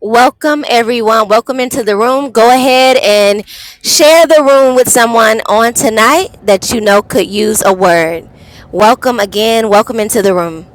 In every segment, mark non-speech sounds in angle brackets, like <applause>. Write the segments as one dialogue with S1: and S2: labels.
S1: Welcome, everyone. Welcome into the room. Go ahead and share the room with someone on tonight that you know could use a word. Welcome again. Welcome into the room.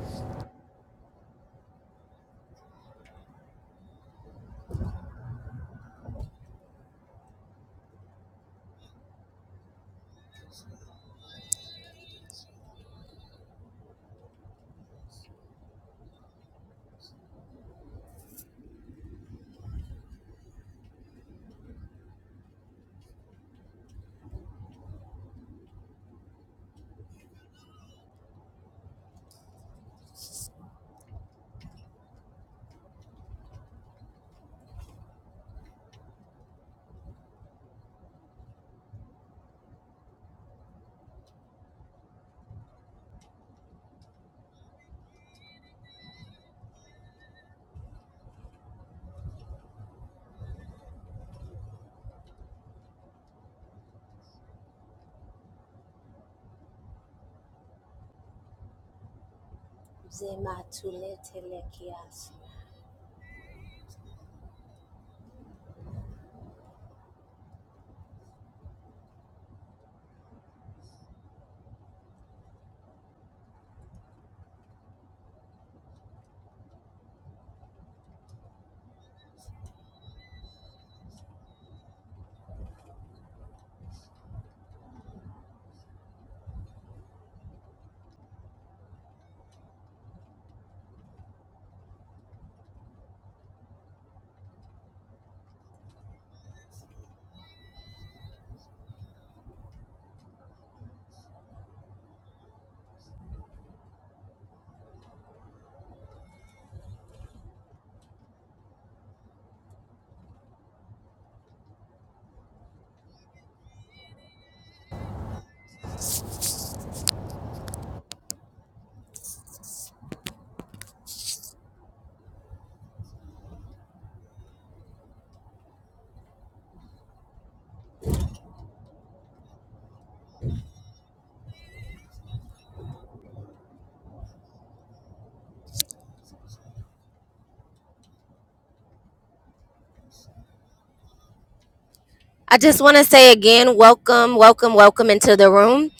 S1: I just want to say again, welcome, welcome, welcome into the room.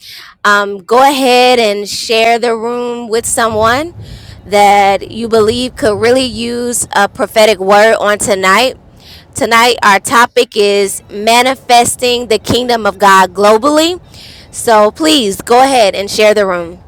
S1: Um, go ahead and share the room with someone that you believe could really use a prophetic word on tonight. Tonight, our topic is manifesting the kingdom of God globally. So please go ahead and share the room.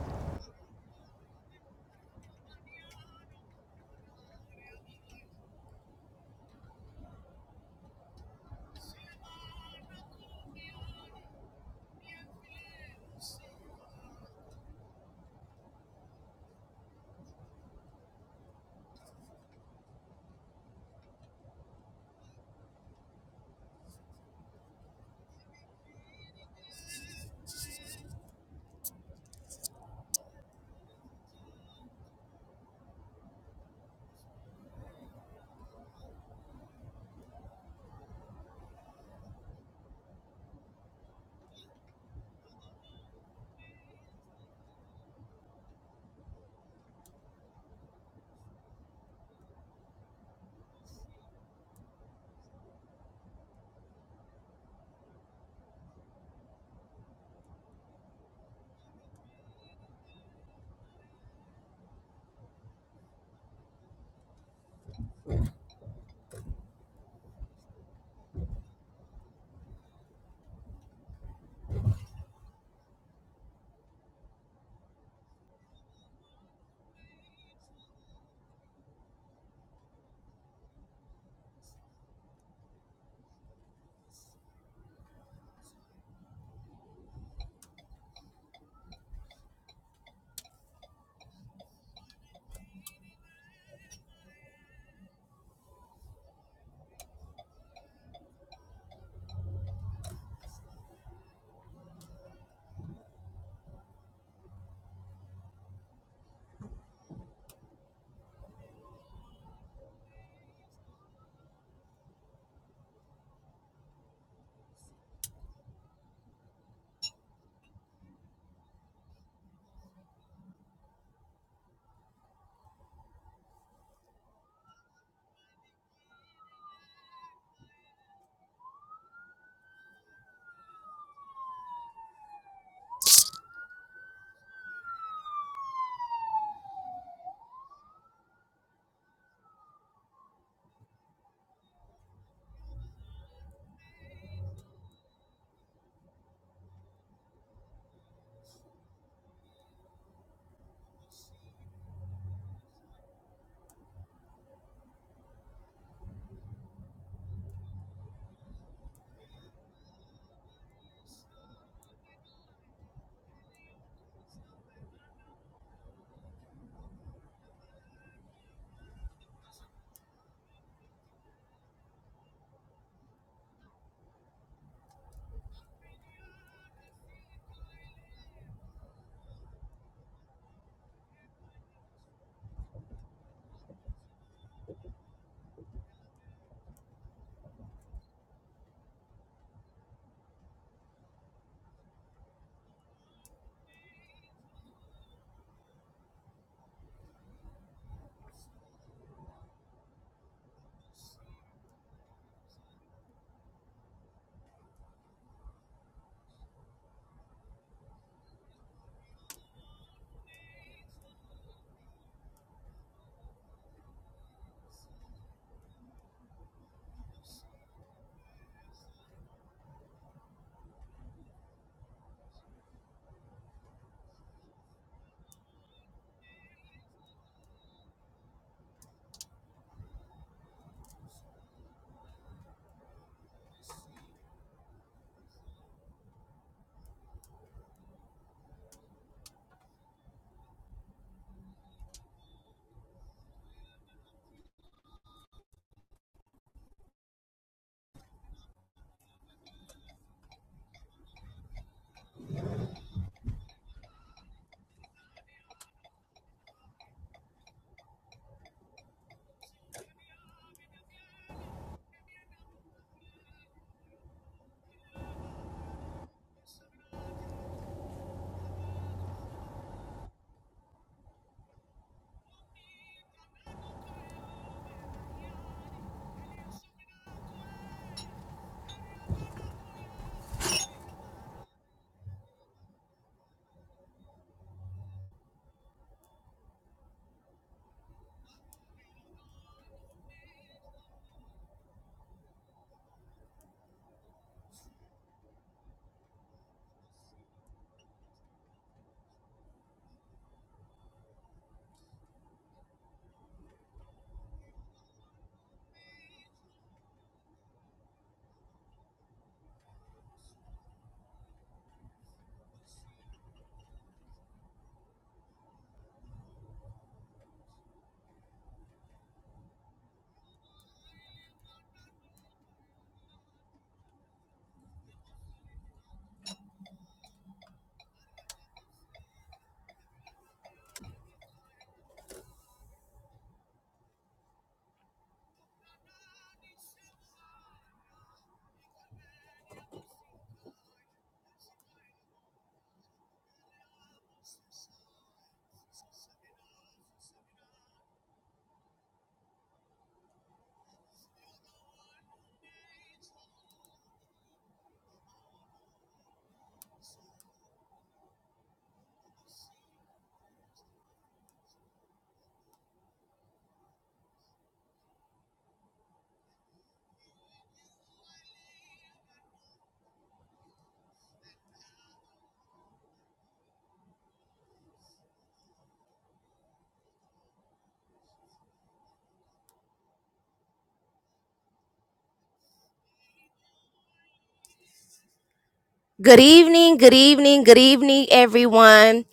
S1: Good evening, good evening, good evening, everyone,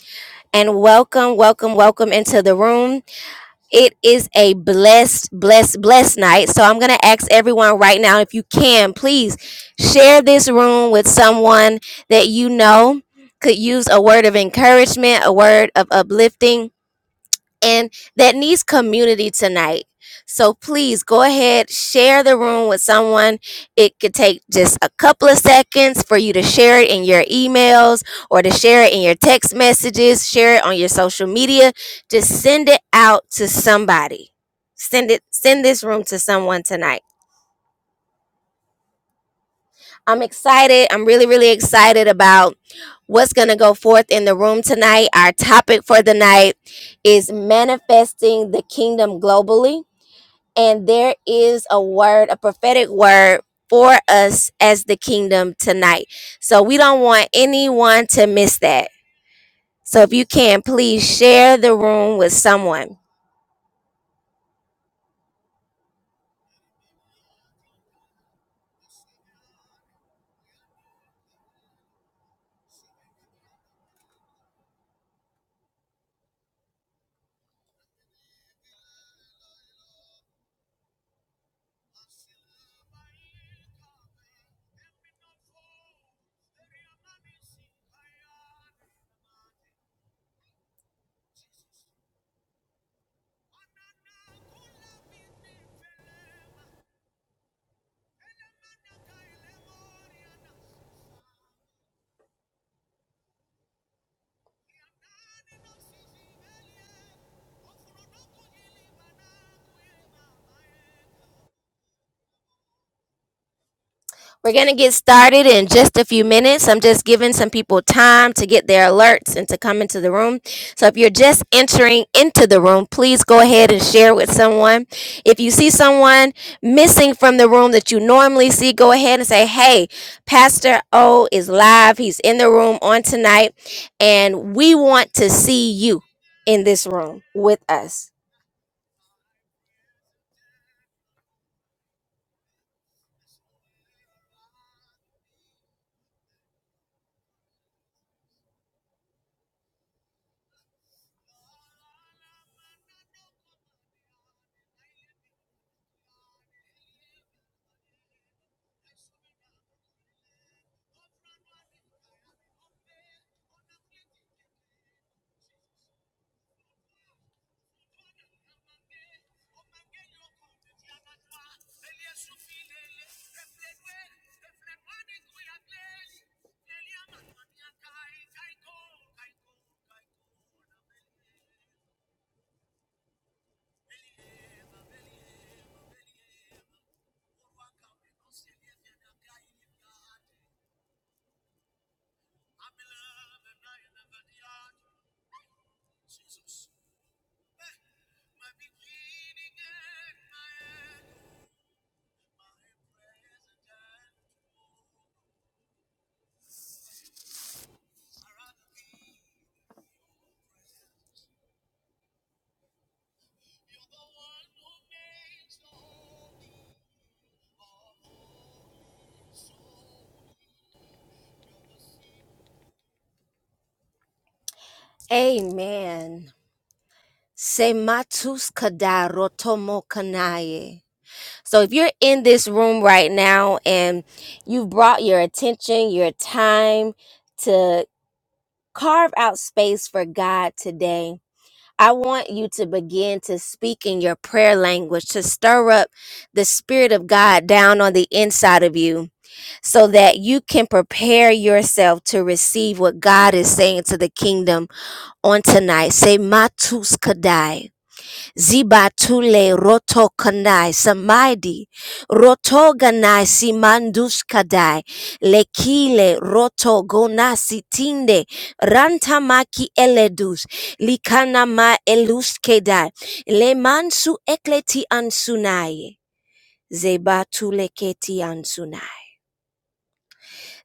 S1: and welcome, welcome, welcome into the room. It is a blessed, blessed, blessed night. So I'm going to ask everyone right now if you can, please share this room with someone that you know could use a word of encouragement, a word of uplifting and that needs community tonight. So please go ahead, share the room with someone. It could take just a couple of seconds for you to share it in your emails or to share it in your text messages, share it on your social media. Just send it out to somebody. Send it send this room to someone tonight. I'm excited. I'm really really excited about what's going to go forth in the room tonight. Our topic for the night is manifesting the kingdom globally and there is a word, a prophetic word for us as the kingdom tonight. So we don't want anyone to miss that. So if you can, please share the room with someone. We're going to get started in just a few minutes. I'm just giving some people time to get their alerts and to come into the room. So if you're just entering into the room, please go ahead and share with someone. If you see someone missing from the room that you normally see, go ahead and say, Hey, Pastor O is live. He's in the room on tonight, and we want to see you in this room with us. Amen. Sematus kadarotomo kanaye. So if you're in this room right now and you've brought your attention, your time to carve out space for God today, I want you to begin to speak in your prayer language to stir up the Spirit of God down on the inside of you so that you can prepare yourself to receive what God is saying to the kingdom on tonight. Say, Matus Kadai. Ziba tule roto kanai samaidi roto ganai simandus kadai lekile roto gonasi tinde rantamaki eledus likana ma elus kedai le mansu ekleti ansunai zeba tule keti ansunai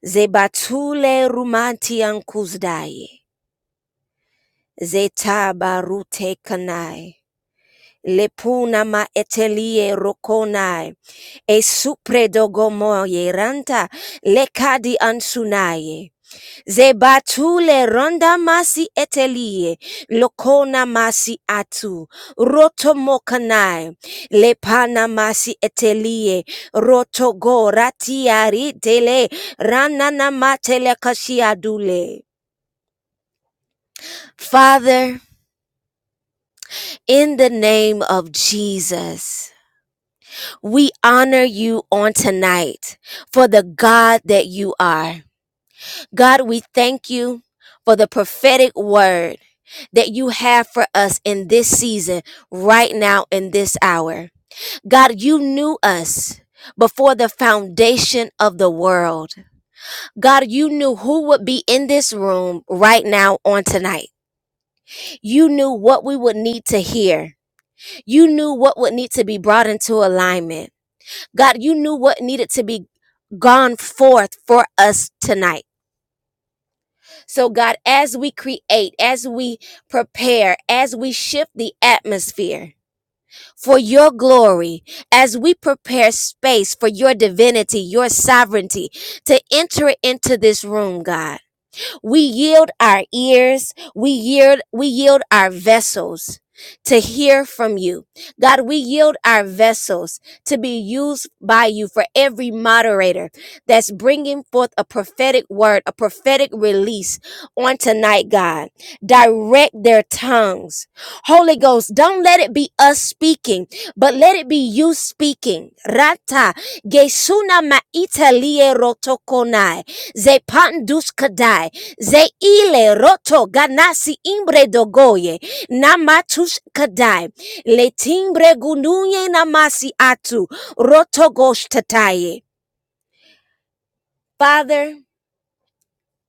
S1: zeba tule rumanti ankuzdai zeta barute kanai Lepuna ma etelie rokonai, e supredogomoye ranta, lekadi ansunaye. Zebatule ronda masi etelie, lokona masi atu, roto mokanai, lepana masi etelie, roto go ratiari dele, ranana matele kashiadule. Father, in the name of Jesus. We honor you on tonight for the God that you are. God, we thank you for the prophetic word that you have for us in this season, right now, in this hour. God, you knew us. Before the foundation of the world, God, you knew who would be in this room right now on tonight. You knew what we would need to hear. You knew what would need to be brought into alignment. God, you knew what needed to be gone forth for us tonight. So, God, as we create, as we prepare, as we shift the atmosphere for your glory, as we prepare space for your divinity, your sovereignty to enter into this room, God. We yield our ears, we yield we yield our vessels to hear from you. God, we yield our vessels to be used by you for every moderator that's bringing forth a prophetic word, a prophetic release on tonight, God. Direct their tongues. Holy Ghost, don't let it be us speaking, but let it be you speaking. Rata gesuna maitalie rotokonai zepanduskadai Ze ile roto ganasi imbre dogoye na matush kadai le timbre gununye namasi atu roto goshtataye. Father,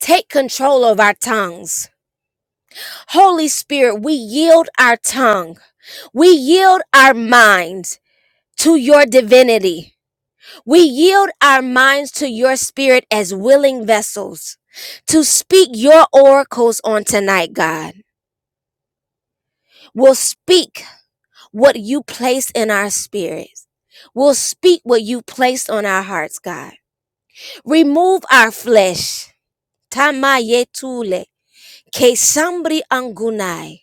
S1: take control of our tongues. Holy Spirit, we yield our tongue. We yield our minds to your divinity. We yield our minds to your spirit as willing vessels to speak your oracles on tonight, God. We'll speak what you place in our spirits. We'll speak what you placed on our hearts, God. Remove our flesh. Tamayetule. Kesambri angunai.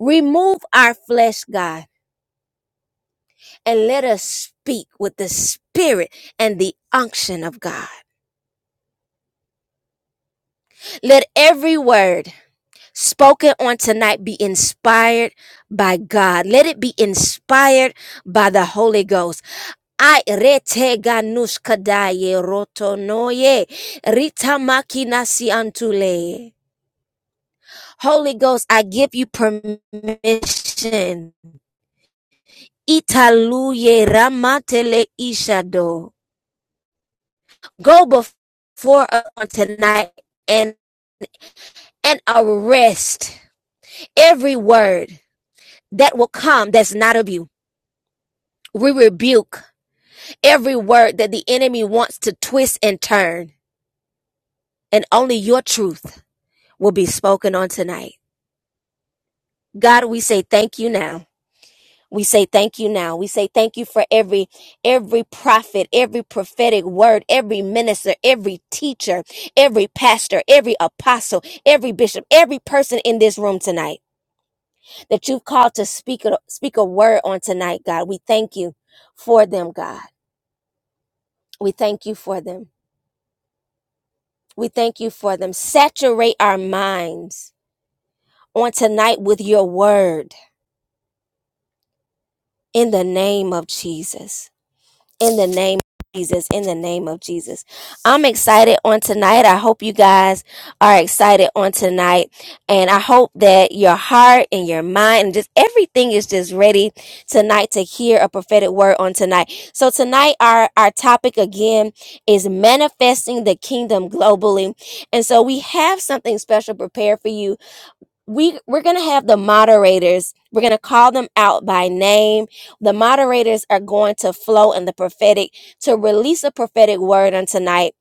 S1: Remove our flesh, God, and let us speak with the spirit and the unction of God. Let every word spoken on tonight be inspired by God. Let it be inspired by the Holy Ghost. I rete ganuskadaye rotonoye ritamakina antule. Holy Ghost, I give you permission. Italuye ramatele ishado. Go before us on tonight and and arrest every word that will come that's not of you We rebuke every word that the enemy wants to twist and turn, and only your truth will be spoken on tonight. God, we say thank you now. We say thank you now. We say thank you for every every prophet, every prophetic word, every minister, every teacher, every pastor, every apostle, every bishop, every person in this room tonight that you've called to speak a, speak a word on tonight, God. We thank you for them, God. We thank you for them. We thank you for them. Saturate our minds on tonight with your word in the name of Jesus. In the name of Jesus. In the name of Jesus. I'm excited on tonight. I hope you guys are excited on tonight. And I hope that your heart and your mind and just everything is just ready tonight to hear a prophetic word on tonight. So tonight our, our topic again is manifesting the kingdom globally. And so we have something special prepared for you we we're going to have the moderators we're going to call them out by name the moderators are going to flow in the prophetic to release a prophetic word on tonight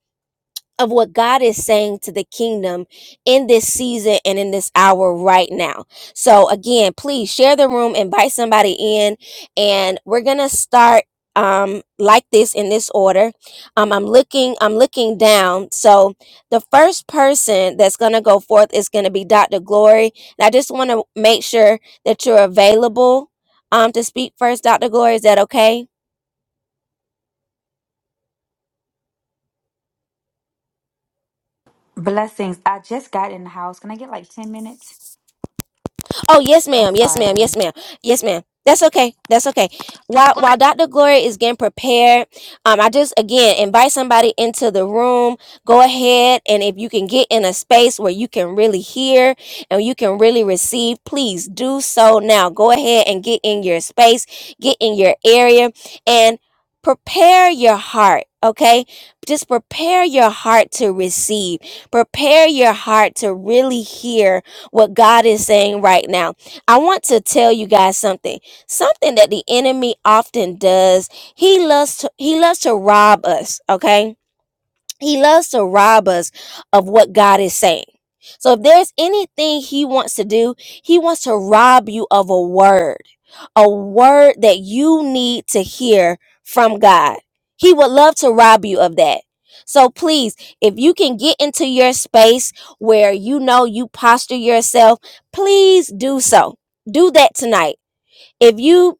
S1: of what God is saying to the kingdom in this season and in this hour right now. So again, please share the room, invite somebody in, and we're gonna start um like this in this order. Um I'm looking I'm looking down. So the first person that's gonna go forth is gonna be Dr. Glory. And I just wanna make sure that you're available um to speak first, Dr. Glory. Is that okay?
S2: Blessings. I just got in the house. Can I get like 10 minutes?
S1: Oh, yes,
S2: I'm
S1: ma'am. Yes, ma'am.
S2: sorry.
S1: Yes, ma'am. Yes, ma'am. That's okay. That's okay. While while Dr. Gloria is getting prepared, um, I just again invite somebody into the room. Go ahead and if you can get in a space where you can really hear and you can really receive, please do so now. Go ahead and get in your space, get in your area, and prepare your heart. Okay. Just prepare your heart to receive. Prepare your heart to really hear what God is saying right now. I want to tell you guys something. Something that the enemy often does. He loves to, he loves to rob us, okay? He loves to rob us of what God is saying. So if there's anything he wants to do, he wants to rob you of a word, a word that you need to hear from God. He would love to rob you of that. So please, if you can get into your space where you know you posture yourself, please do so. Do that tonight. If you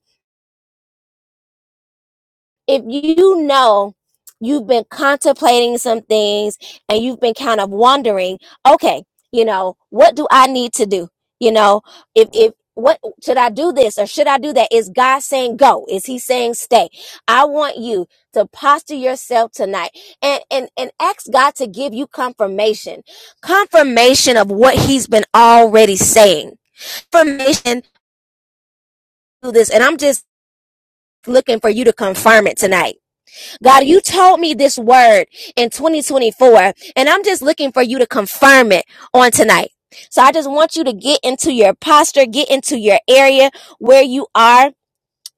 S1: if you know you've been contemplating some things and you've been kind of wondering, okay, you know, what do I need to do? You know, if if what should I do this or should I do that? Is God saying go? Is he saying stay? I want you to posture yourself tonight and and and ask God to give you confirmation. Confirmation of what he's been already saying. Confirmation to this and I'm just looking for you to confirm it tonight God, you told me this word in 2024, and I'm just looking for you to confirm it on tonight. So I just want you to get into your posture, get into your area where you are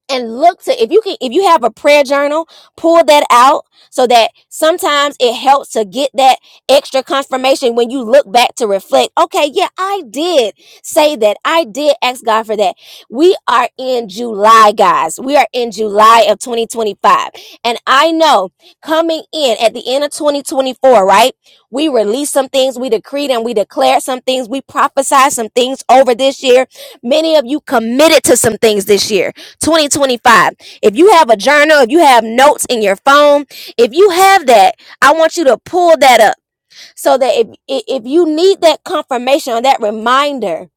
S1: and look to if you can if you have a prayer journal pull that out so that sometimes it helps to get that extra confirmation when you look back to reflect okay yeah i did say that i did ask god for that we are in july guys we are in july of 2025 and i know coming in at the end of 2024 right we released some things we decreed and we declared some things we prophesied some things over this year many of you committed to some things this year 2025. If you have a journal, if you have notes in your phone, if you have that, I want you to pull that up so that if if you need that confirmation or that reminder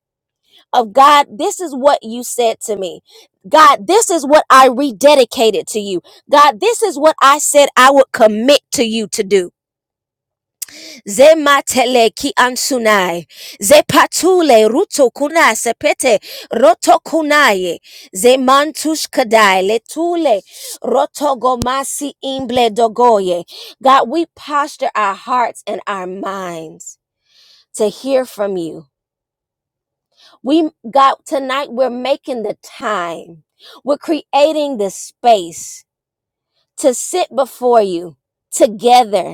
S1: of God, this is what you said to me. God, this is what I rededicated to you. God, this is what I said I would commit to you to do zematele ki ansunai zepatule ruto kuna sepete roto kunaye zemantush kadai letule roto gomasi imble dogoye god we posture our hearts and our minds to hear from you we god tonight we're making the time we're creating the space to sit before you together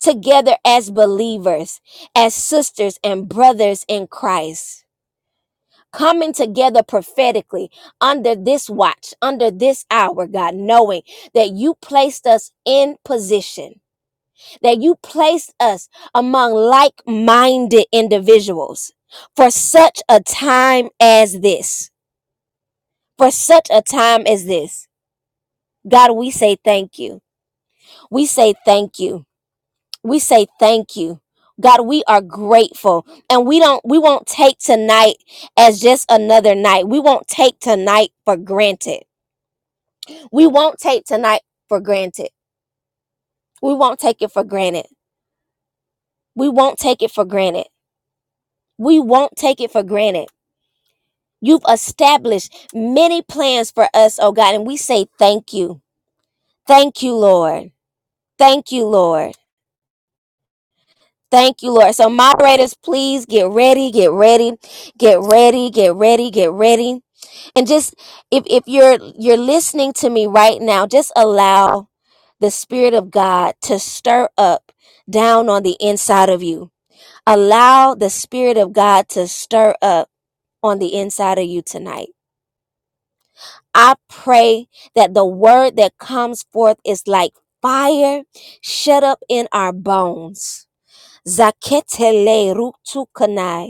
S1: together as believers, as sisters and brothers in Christ. Coming together prophetically under this watch, under this hour, God, knowing that you placed us in position, that you placed us among like minded individuals for such a time as this. For such a time as this. God, we say thank you. We say thank you. we say thank you god we are grateful and we don't we won't take tonight as just another night we won't take tonight for granted we won't take tonight for granted we won't take it for granted we won't take it for granted we won't take it for granted you've established many plans for us oh god and we say thank you thank you lord thank you lord thank you lord so moderators please get ready get ready get ready get ready get ready and just if if you're you're listening to me right now just allow the spirit of god to stir up down on the inside of you allow the spirit of god to stir up on the inside of you tonight i pray that the word that comes forth is like fire shut up in our bones zaketele ruktukanai.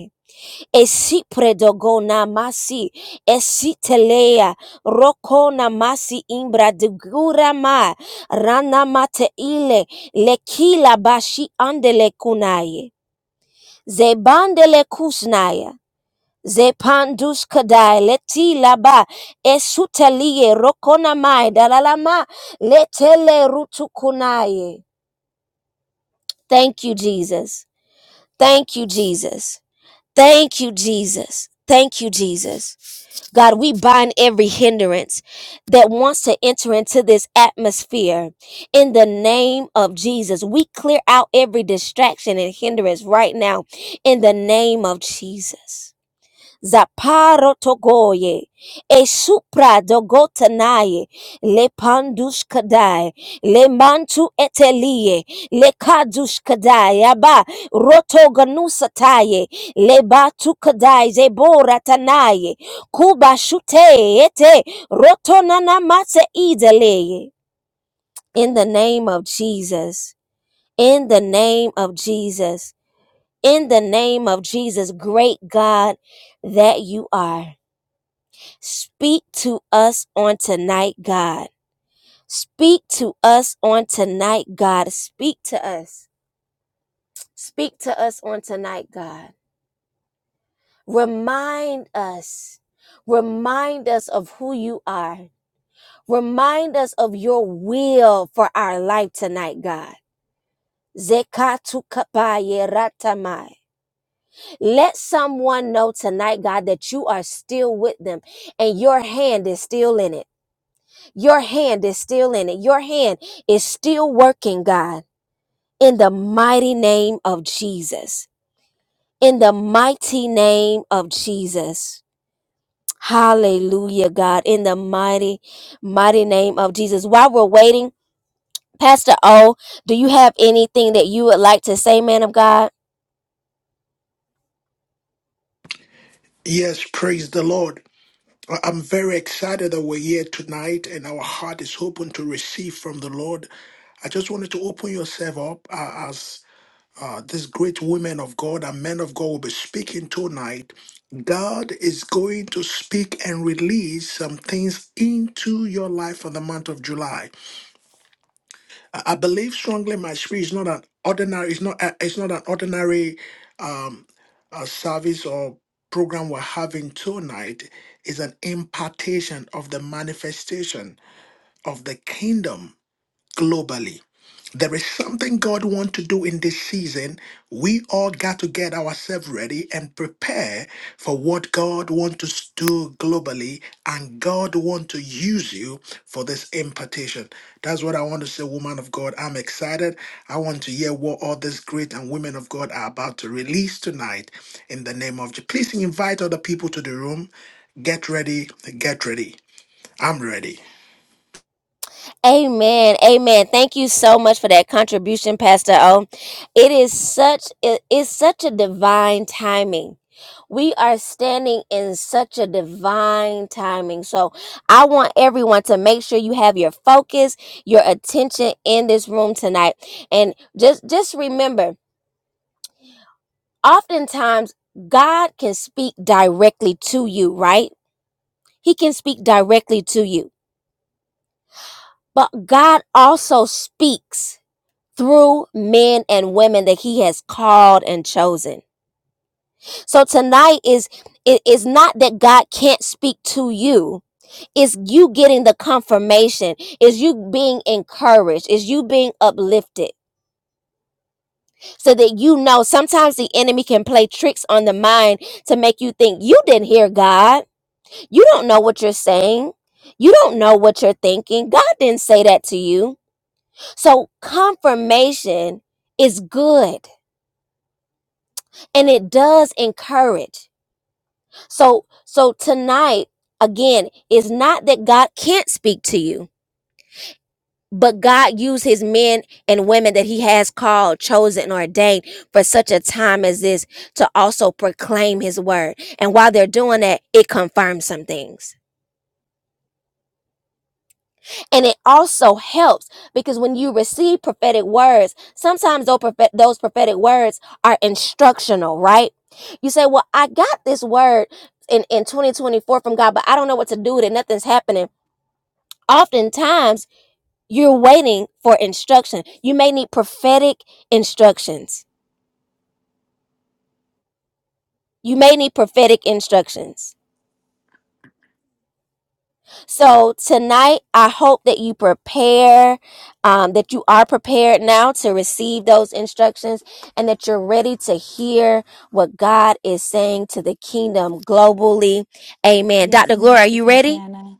S1: Esipredogona masi esitelea rokona masi imbra digura ma rana mate ile lekila bashi andele kunaye zebandele kusnaya zepandus kadai letila ba esutelie rokona mai dalalama letele rutu kunaye. thank you jesus thank you jesus Thank you, Jesus. Thank you, Jesus. God, we bind every hindrance that wants to enter into this atmosphere in the name of Jesus. We clear out every distraction and hindrance right now in the name of Jesus. Zaparo togoye, esupra dogotanaye, le pandus kadai, le mantu etelie, le kadus kadai, aba rotoganusataye, le batu kadai, zebora tanaye, kuba shute ete, rotonana mate ideleye. In the name of Jesus, in the name of Jesus, in the name of Jesus, great God that you are. Speak to us on tonight, God. Speak to us on tonight, God. Speak to us. Speak to us on tonight, God. Remind us. Remind us of who you are. Remind us of your will for our life tonight, God. Zekatukapaye ratamai. Let someone know tonight, God, that you are still with them and your hand is still in it. Your hand is still in it. Your hand is still working, God, in the mighty name of Jesus. In the mighty name of Jesus. Hallelujah, God. In the mighty, mighty name of Jesus. While we're waiting, Pastor O, do you have anything that you would like to say, man of God?
S3: Yes, praise the Lord. I- I'm very excited that we're here tonight and our heart is open to receive from the Lord. I just wanted to open yourself up uh, as uh, these great women of God and men of God will be speaking tonight. God is going to speak and release some things into your life for the month of July. I I believe strongly in my spirit is not an ordinary. It's not. a- It's not an ordinary um, uh, service or program we're having tonight. Is an impartation of the manifestation of the kingdom globally. There is something God wants to do in this season. We all got to get ourselves ready and prepare for what God wants to do globally, and God wants to use you for this impartation. That's what I want to say, woman of God. I'm excited. I want to hear what all these great and women of God are about to release tonight in the name of Jesus. Please invite other people to the room. Get ready, get ready. I'm ready.
S1: Amen. Amen. Thank you so much for that contribution, Pastor O. It is such it is such a divine timing We are standing in such a divine timing. So I want everyone to make sure you have your focus, your attention in this room tonight. And just just remember, oftentimes God can speak directly to you, right? He can speak directly to you. But God also speaks through men and women that he has called and chosen. So tonight is it is not that God can't speak to you is you getting the confirmation is you being encouraged is you being uplifted so that you know sometimes the enemy can play tricks on the mind to make you think you didn't hear god you don't know what you're saying you don't know what you're thinking god didn't say that to you so confirmation is good and it does encourage so so tonight again it's not that god can't speak to you But God used his men and women that he has called, chosen, and ordained for such a time as this to also proclaim his word. And while they're doing that, it confirms some things. And it also helps because when you receive prophetic words, sometimes those, prophetic words are instructional, right? You say, Well, I got this word in, in 2024 from God, but I don't know what to do with it. Nothing's happening. Oftentimes, You're waiting for instruction. You may need prophetic instructions. You may need prophetic instructions. So tonight, I hope that you prepare, um, that you are prepared now to receive those instructions and that you're ready to hear what God is saying to the kingdom globally. Amen.
S2: Yes,
S1: Dr. Gloria, are
S2: Minister
S1: you ready?
S2: Tatiana.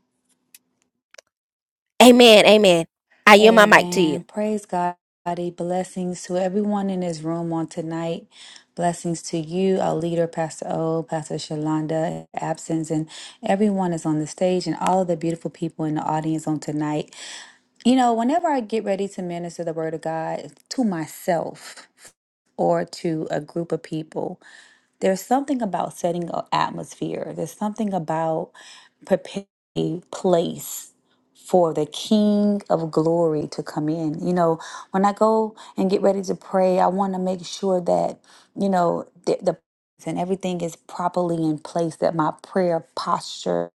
S1: Amen. Amen. I yield my mic to you.
S2: Amen. Praise God. Blessings to everyone in this room on tonight. Blessings to you, our leader, Pastor O, Pastor Shalonda, absence, and everyone is on the stage and all of the beautiful people in the audience on tonight. You know, whenever I get ready to minister the word of God to myself or to a group of people, There's something about setting an atmosphere. There's something about preparing a place for the King of glory to come in. You know, when I go and get ready to pray, I want to make sure that, you know, the, the and everything is properly in place, that my prayer posture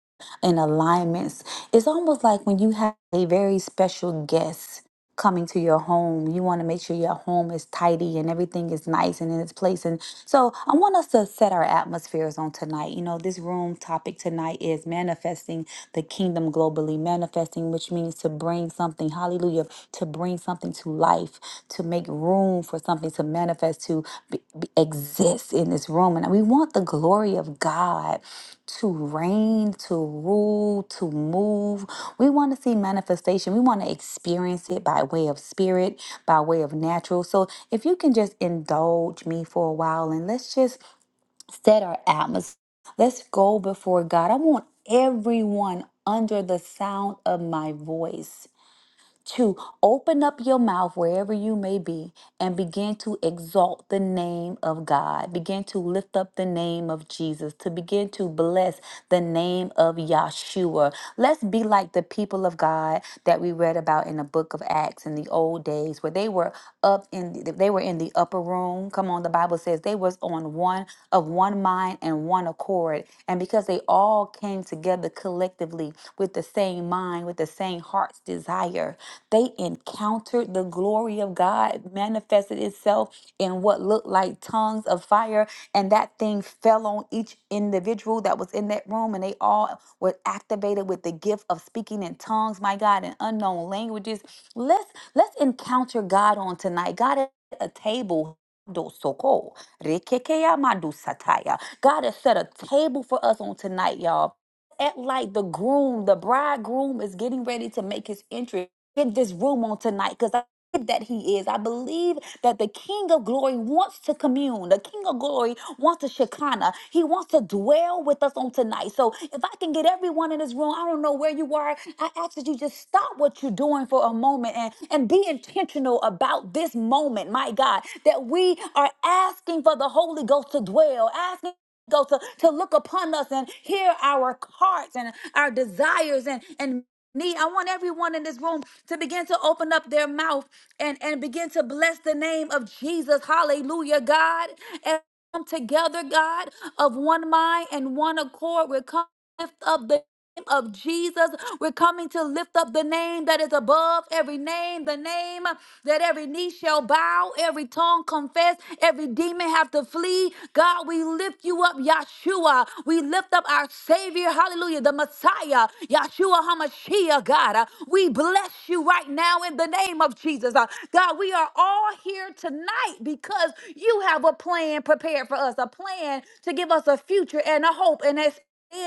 S2: and alignments. It's almost like when you have a very special guest coming to your home, you want to make sure your home is tidy and everything is nice and in its place. And so I want us to set our atmospheres on tonight. You know, this room topic tonight is manifesting the kingdom globally manifesting, which means to bring something, hallelujah, to bring something to life, to make room for something to manifest, to be, be- exist in this room. And we want the glory of God to reign, to rule, to move. We want to see manifestation. We want to experience it by way of spirit, by way of natural. So if you can just indulge me for a while and let's just set our atmosphere. Let's go before God. I want everyone under the sound of my voice to open up your mouth wherever you may be and begin to exalt the name of God. Begin to lift up the name of Jesus, to begin to bless the name of Yahshua. Let's be like the people of God that we read about in the book of Acts in the old days where they they were up in the, they were in the upper room. Come on, the Bible says they was on one of one mind and one accord. And because they all came together collectively with the same mind, with the same heart's desire, they encountered the glory of God manifested itself in what looked like tongues of fire and that thing fell on each individual that was in that room and they all were activated with the gift of speaking in tongues my god in unknown languages Let's. Let's encounter God on tonight. God at a table. Dosoko, rekekeya madusataya. God has set a table for us on tonight, y'all. At like the groom, the bridegroom is getting ready to make his entry in this room on tonight because I believe that he is. I believe that the King of Glory wants to commune. The King of Glory wants to Shekinah. He wants to dwell with us on tonight. So if I can get everyone in this room, I don't know where you are. I ask that you just stop what you're doing for a moment and, and be intentional about this moment, my God, that we are asking for the Holy Ghost to dwell, asking go to, to look upon us and hear our hearts and our desires and, and need i want everyone in this room to begin to open up their mouth and and begin to bless the name of jesus hallelujah god and come together god of one mind and one accord we're coming to lift up the name of jesus we're coming to lift up the name that is above every name the name that every knee shall bow every tongue confess every demon have to flee god we lift you up yeshua we lift up our savior hallelujah the messiah Messiah, Yahshua HaMashiach, God. Uh, We bless you right now in the name of Jesus. Uh, God, we are all here tonight because you have a plan prepared for us, a plan to give us a future and a hope and a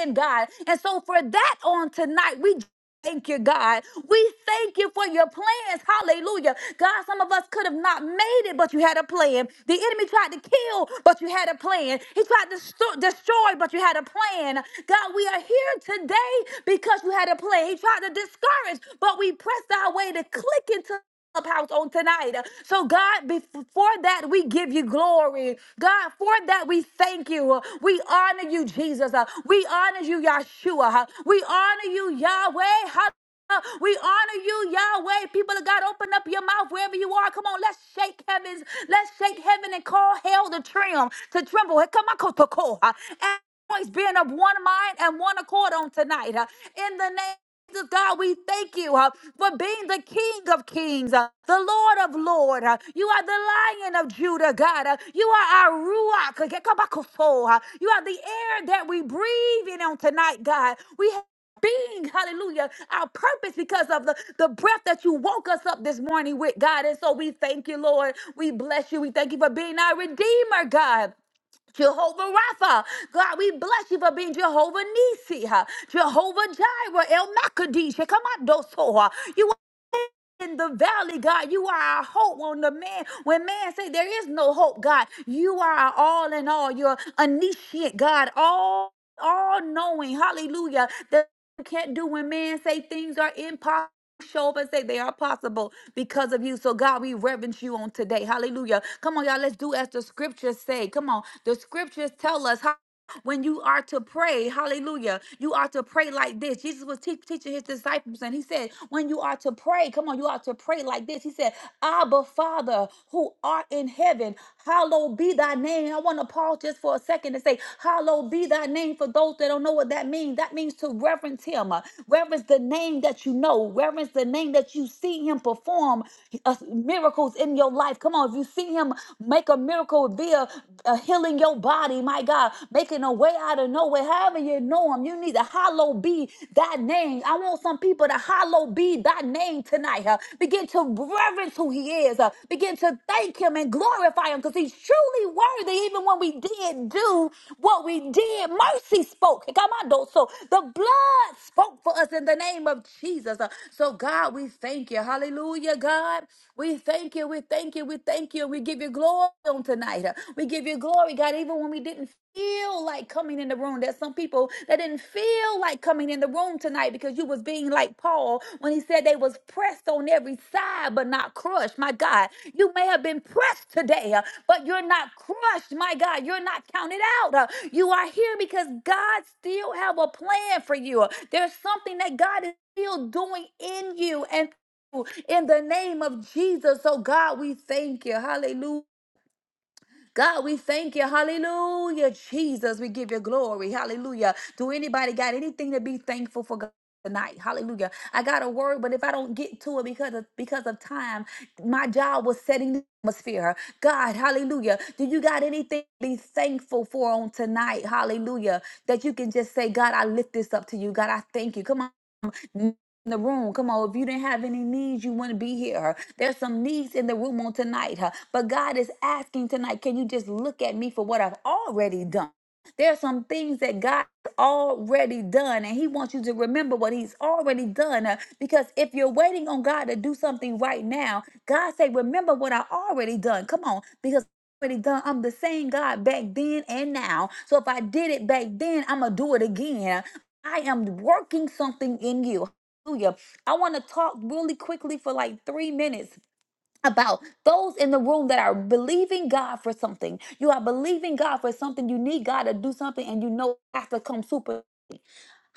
S2: in God. And so for that on tonight, we Thank you, God. We thank you for your plans. Hallelujah. God, some of us could have not made it, but you had a plan. The enemy tried to kill, but you had a plan. He tried to sto- destroy, but you had a plan. God, we are here today because you had a plan. He tried to discourage, but we pressed our way to click into clubhouse on tonight. So, God, before that, we give you glory. God, for that, we thank you. We honor you, Jesus. We honor you, Yahshua. We honor you, Yahweh. Hallelujah. We honor you, Yahweh. People of God, open up your mouth wherever you are. Come on, let's shake heavens. Let's shake heaven and call hell to trim, to tremble. Hey, Come on, to call. Everybody's being of one mind and one accord on tonight. In the name Jesus, God, we thank you uh, for being the King of Kings, uh, the Lord of Lords. uh, you are the Lion of Judah, God. uh, you are our Ruach. uh, Kekabakoso, uh, you are the air that we breathe in on tonight, God. We have being, hallelujah, our purpose because of the, the breath that you woke us up this morning with, God. And so we thank you, Lord. We bless you. We thank you for being our Redeemer, God. Jehovah Rapha, God, we bless you for being Jehovah Nisi, huh? Jehovah Jireh, El Makadish, come on, Dosoha. You in the valley, God. You are our hope on the man. When man say there is no hope, God, you are our all in all. You're omniscient, God, all all knowing. Hallelujah. That you can't do when man say things are impossible show up and say they are possible because of you. So God, we reverence you on today. Hallelujah. Come on, y'all. Let's do as the scriptures say. Come on. The scriptures tell us. When you are to pray, hallelujah, you are to pray like this. Jesus was teach- teaching his disciples, and he said, When you are to pray, come on, you are to pray like this. He said, Abba, Father, who art in heaven, hallowed be thy name. I want to pause just for a second and say, Hallowed be thy name for those that don't know what that means. That means to reverence him, uh, reverence the name that you know, reverence the name that you see him perform uh, miracles in your life. Come on, if you see him make a miracle, Via uh, healing your body, my God, making a way out of nowhere. However you know him, you need to hollow be that name. I want some people to hollow be that name tonight. huh? Begin to reverence who he is. huh? Begin to thank him and glorify him because he's truly worthy. Even when we did do what we did, mercy spoke. Come on, though. So the blood spoke for us in the name of Jesus. huh? So God, we thank you. Hallelujah, God. We thank you. We we thank you, we thank you, we give you glory on tonight. We give you glory, God, even when we didn't feel like coming in the room. There's some people that didn't feel like coming in the room tonight because you was being like Paul when he said they was pressed on every side but not crushed. My God, you may have been pressed today, uh, but you're not crushed. My God, you're not counted out. Uh, You are here because God still have a plan for you. Uh, There's something that God is still doing in you. and in the name of Jesus. So, God, we thank you. Hallelujah. God, we thank you. Hallelujah. Jesus, we give you glory. Hallelujah. Do anybody got anything to be thankful for God? Tonight, hallelujah. I got a word, but if I don't get to it because of because of time, my job was setting the atmosphere. God, hallelujah. Do you got anything to be thankful for on tonight? Hallelujah. That you can just say, God, I lift this up to you. God, I thank you. Come on in the room. Come on, if you didn't have any needs, you wouldn't be here. There's some needs in the room on tonight, huh? But God is asking tonight, can you just look at me for what I've already done? There are some things that God has already done, and He wants you to remember what He's already done. uh, Because if you're waiting on God to do something right now, God say, "Remember what I already done." Come on, because I already done. I'm the same God back then and now. So if I did it back then, I'm gonna do it again. I am working something in you. Hallelujah. I want to talk really quickly for like three minutes about those in the room that are believing God for something. You are believing God for something. You need God to do something, and you know it has to come super.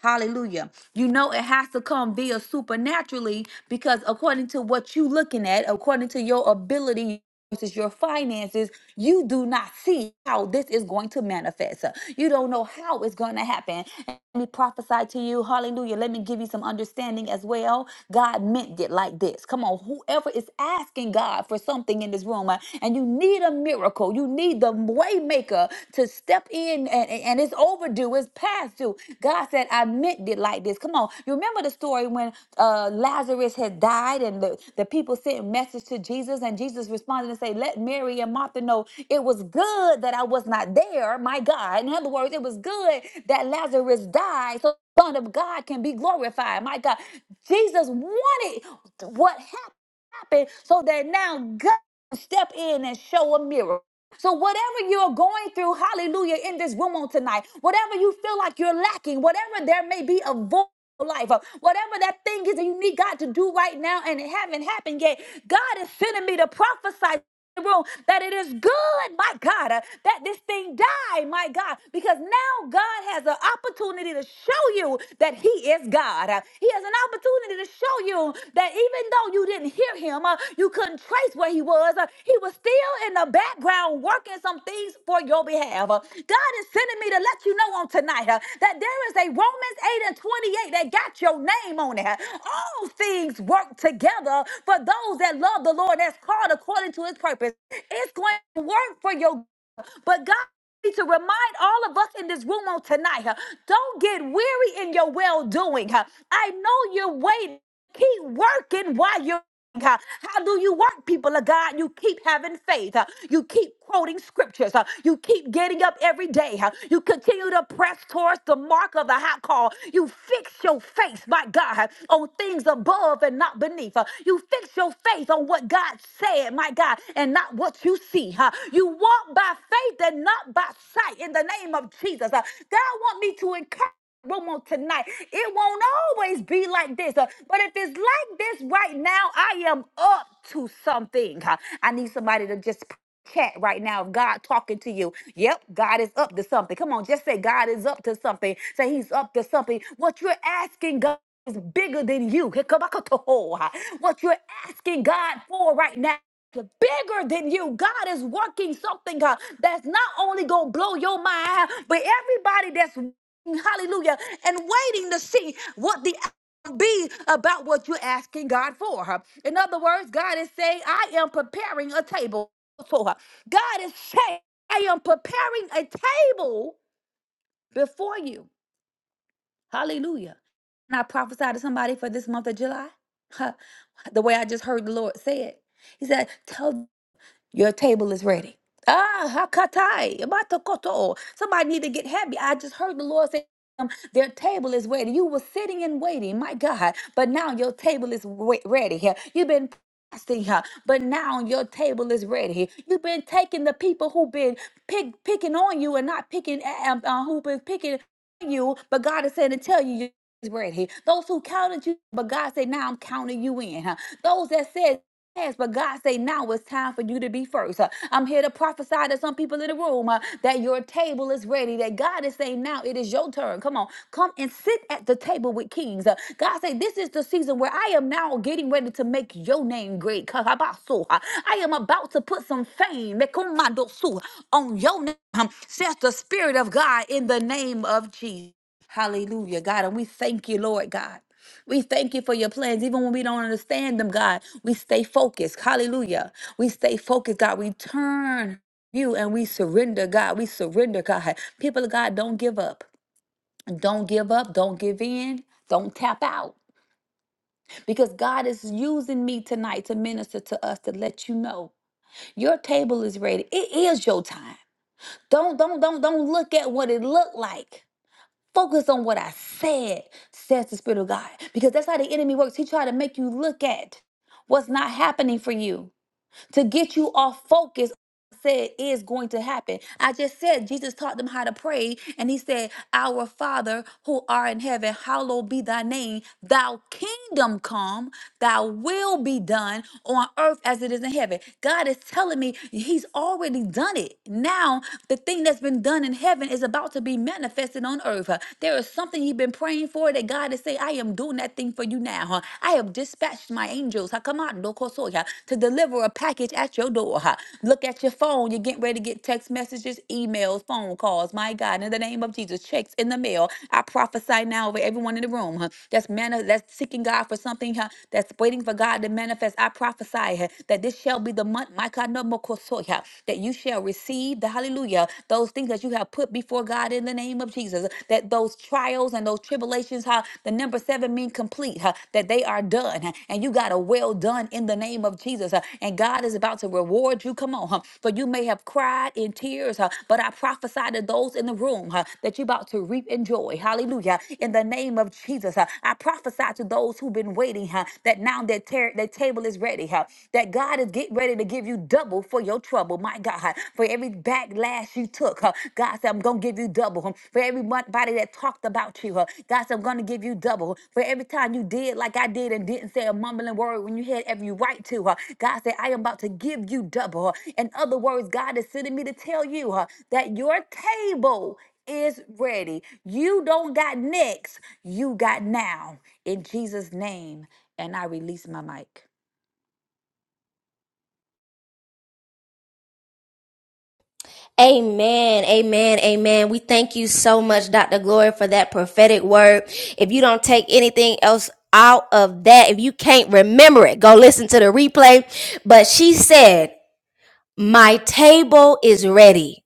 S2: Hallelujah. You know it has to come via supernaturally because according to what you looking at, according to your ability versus your finances, you do not see how this is going to manifest. You don't know how it's going to happen. And Let me prophesy to you. Hallelujah. Let me give you some understanding as well. God meant it like this. Come on, whoever is asking God for something in this room uh, and you need a miracle, you need the waymaker waymaker to step in and, and it's overdue, it's past due. God said, I meant it like this. Come on. You remember the story when uh, Lazarus had died and the, the people sent a message to Jesus and Jesus responded and said, let Mary and Martha know it was good that I was not there, my God. In other words, it was good that Lazarus died. So the Son of God can be glorified. My God, Jesus wanted what happened so that now God can step in and show a miracle. So, whatever you're going through, hallelujah, in this room on tonight, whatever you feel like you're lacking, whatever there may be a void. in your Life, uh, whatever that thing is that you need God to do right now and it haven't happened yet, God is sending me to prophesy in the room that it is good, my God, uh, that this thing die, my God, because now God has an opportunity to show you that He is God. Uh, He has an opportunity to show you that even though you didn't hear Him, uh, you couldn't trace where He was. uh, he was still in the background working some things for your behalf. Uh, God is sending me to let you know on tonight uh, that there is a Romans 8 and 28 that got your name on it. All things work together for those that love the Lord that's called according to his purpose. It's going to work for your good. but God need to remind all of us in this room on tonight, huh, don't get weary in your well doing. I know you're waiting keep working while you're God. How do you work, people of God? You keep having faith. Uh, You keep quoting scriptures. Uh, You keep getting up every day. Uh, You continue to press towards the mark of the high call. You fix your face, my God, uh, on things above and not beneath. Uh, You fix your faith on what God said, my God, and not what you see. Uh, You walk by faith and not by sight in the name of Jesus. Uh, God want me to encourage room on tonight. It won't always be like this. uh, But if it's like this right now, I am up to something. huh. I need somebody to just chat right now of God talking to you. Yep, God is up to something. Come on, just say God is up to something. Say he's up to something. What you're asking God is bigger than you. Hikabakatoho, huh. What you're asking God for right now bigger than you. God is working something uh, that's not only gonna blow your mind, but everybody that's hallelujah, and waiting to see what the outcome be about what you're asking God for. huh? In other words, God is saying, I am preparing a table for her. God is saying, I am preparing a table before you. Hallelujah. And I prophesy to somebody for this month of July. <laughs> The way I just heard the Lord say it. He said, Tell your table is ready. Ah, hakatai, abatakoto. Somebody need to get happy. I just heard the Lord say, um, their table is ready. You were sitting and waiting, my God, but now your table is wa- ready. here. You've been fasting, huh, but now your table is ready. You've been taking the people who've been pick, picking on you and not picking, uh, um, uh, who've been picking on you, but God is saying to tell you, your table is ready. Those who counted you, but God said, now I'm counting you in. huh. Those that said past, but God say now it's time for you to be first. Uh, I'm here to prophesy to some people in the room uh, that your table is ready. That God is saying now it is your turn. Come on, come and sit at the table with kings. Uh, God say this is the season where I am now getting ready to make your name great. Kahabaso. Uh, I am about to put some fame Mekumandosu, on your name, um, says the Spirit of God in the name of Jesus. Hallelujah, God. And we thank you, Lord God. We thank you for your plans. Even when we don't understand them, God, we stay focused. Hallelujah. We stay focused, God. We turn you and we surrender, God. We surrender, God. People of God, don't give up. Don't give up. Don't give in. Don't tap out. Because God is using me tonight to minister to us to let you know your table is ready. It is your time. Don't don't don't don't look at what it looked like. Focus on what I said, says the Spirit of God, because that's how the enemy works. He tried to make you look at what's not happening for you to get you off focus said is going to happen. I just said Jesus taught them how to pray, and he said, Our Father who art in heaven, hallowed be thy name, Thy kingdom come, thy will be done on earth as it is in heaven. God is telling me he's already done it. Now the thing that's been done in heaven is about to be manifested on earth. There is something you've been praying for that God is saying, I am doing that thing for you now. huh? I have dispatched dispatch my angels ha, come on, no koso, ha, to deliver a package at your door. ha. Look at your phone. You're getting ready to get text messages, emails, phone calls. My God, in the name of Jesus, checks in the mail. I prophesy now over everyone in the room huh, that's mani- that's seeking God for something huh, that's waiting for God to manifest. I prophesy huh, that this shall be the month, my God, no more koso, ha, that you shall receive the hallelujah, those things that you have put before God in the name of Jesus, that those trials trials and those tribulations, how the number seven mean complete, huh, that they are done. huh, and you got a well done in the name of Jesus. huh, and God is about to reward you. Come on, huh, for you may have cried in tears, huh, but I prophesy to those in the room huh, that you're about to reap in joy. Hallelujah. In the name of Jesus, huh, I prophesy to those who've been waiting huh, that now their, ter- their table is ready, huh, that God is getting ready to give you double for your trouble. My God, huh, for every backlash you took. huh, God said, I'm going to give you double. huh. For everybody that talked about you, huh, God said, I'm going to give you double. huh? For every time you did like I did and didn't say a mumbling word when you had every right to, huh, God said, I am about to give you double. huh. In other words, God is sending me to tell you huh, that your table is ready. You don't got next, you got now. In Jesus' name. And I release my mic.
S1: Amen, amen, amen. We thank you so much, Dr. Glory, for that prophetic word. If you don't take anything else out of that, if you can't remember it, go listen to the replay. But she said, My table is ready.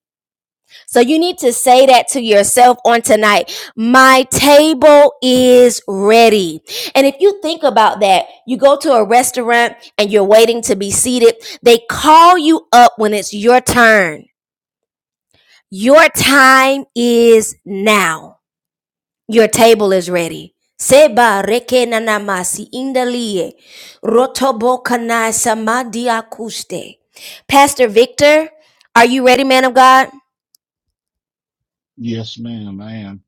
S1: So you need to say that to yourself on tonight. My table is ready. And if you think about that, you go to a restaurant and you're waiting to be seated. They call you up when it's your turn. Your time is now. Your table is ready. Seba reke nanamasi indalie. Rotobo kanai samadi akuste. Pastor Victor, are you ready, man of God?
S4: Yes, ma'am, I am.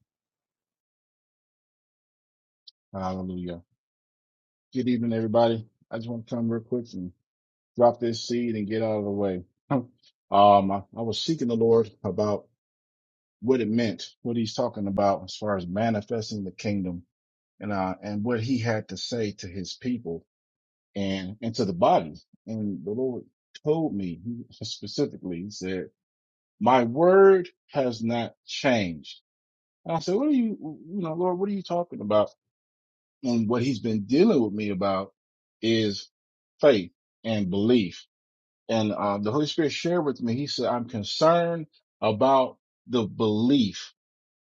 S4: Hallelujah. Good evening, everybody. I just want to come real quick and drop this seed and get out of the way. <laughs> um, I, I was seeking the Lord about what it meant, what he's talking about as far as manifesting the kingdom and, uh, and what he had to say to his people and, and to the body. And the Lord told me he <laughs> specifically, he said, my word has not changed. And I said, what are you, you know, Lord, what are you talking about? And what he's been dealing with me about is faith and belief. And uh, the Holy Spirit shared with me, he said, I'm concerned about the belief,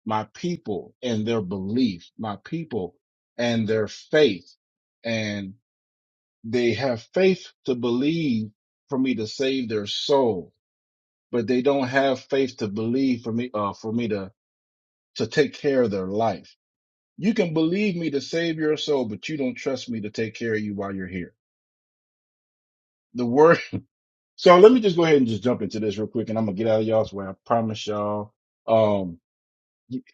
S4: my people and their belief, my people and their faith. And they have faith to believe for me to save their soul, but they don't have faith to believe for me, uh, for me to, to take care of their life. You can believe me to save your soul, but you don't trust me to take care of you while you're here the word. <laughs> So let me just go ahead and just jump into this real quick, and I'm gonna get out of y'all's way. I promise y'all. Um,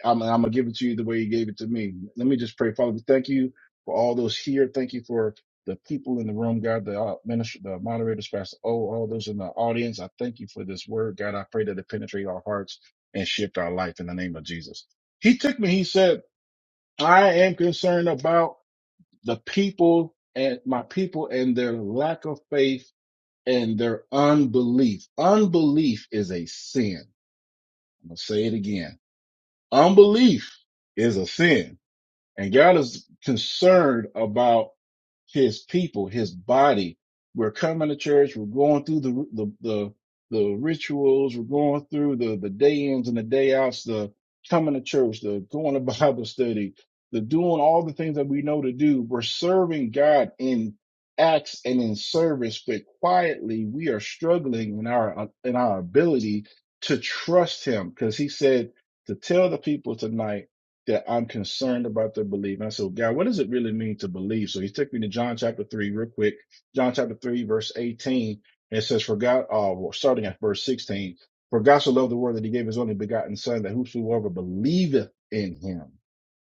S4: I'm, I'm gonna give it to you the way you gave it to me. Let me just pray, Father. We thank you for all those here. Thank you for the people in the room, God. The uh, minister, the moderators, Pastor O, all those in the audience. I thank you for this word, God. I pray that it penetrate our hearts and shift our life in the name of Jesus. He took me. He said, "I am concerned about the people and my people and their lack of faith." and their unbelief. Unbelief is a sin. I'm going to say it again. Unbelief is a sin. And God is concerned about his people, his body. We're coming to church. We're going through the the the, the rituals. We're going through the the day ins and the day outs. The coming to church, the going to <laughs> Bible study, the doing all the things that we know to do. We're serving God in acts and in service, but quietly we are struggling in our in our ability to trust Him because He said to tell the people tonight that I'm concerned about their belief. And I said, "Well, God, what does it really mean to believe? So he took me to John chapter three real quick. John chapter three, verse 18. And it says, for God, uh, well, starting at verse 16, for God so loved the world that he gave his only begotten son that whosoever believeth in him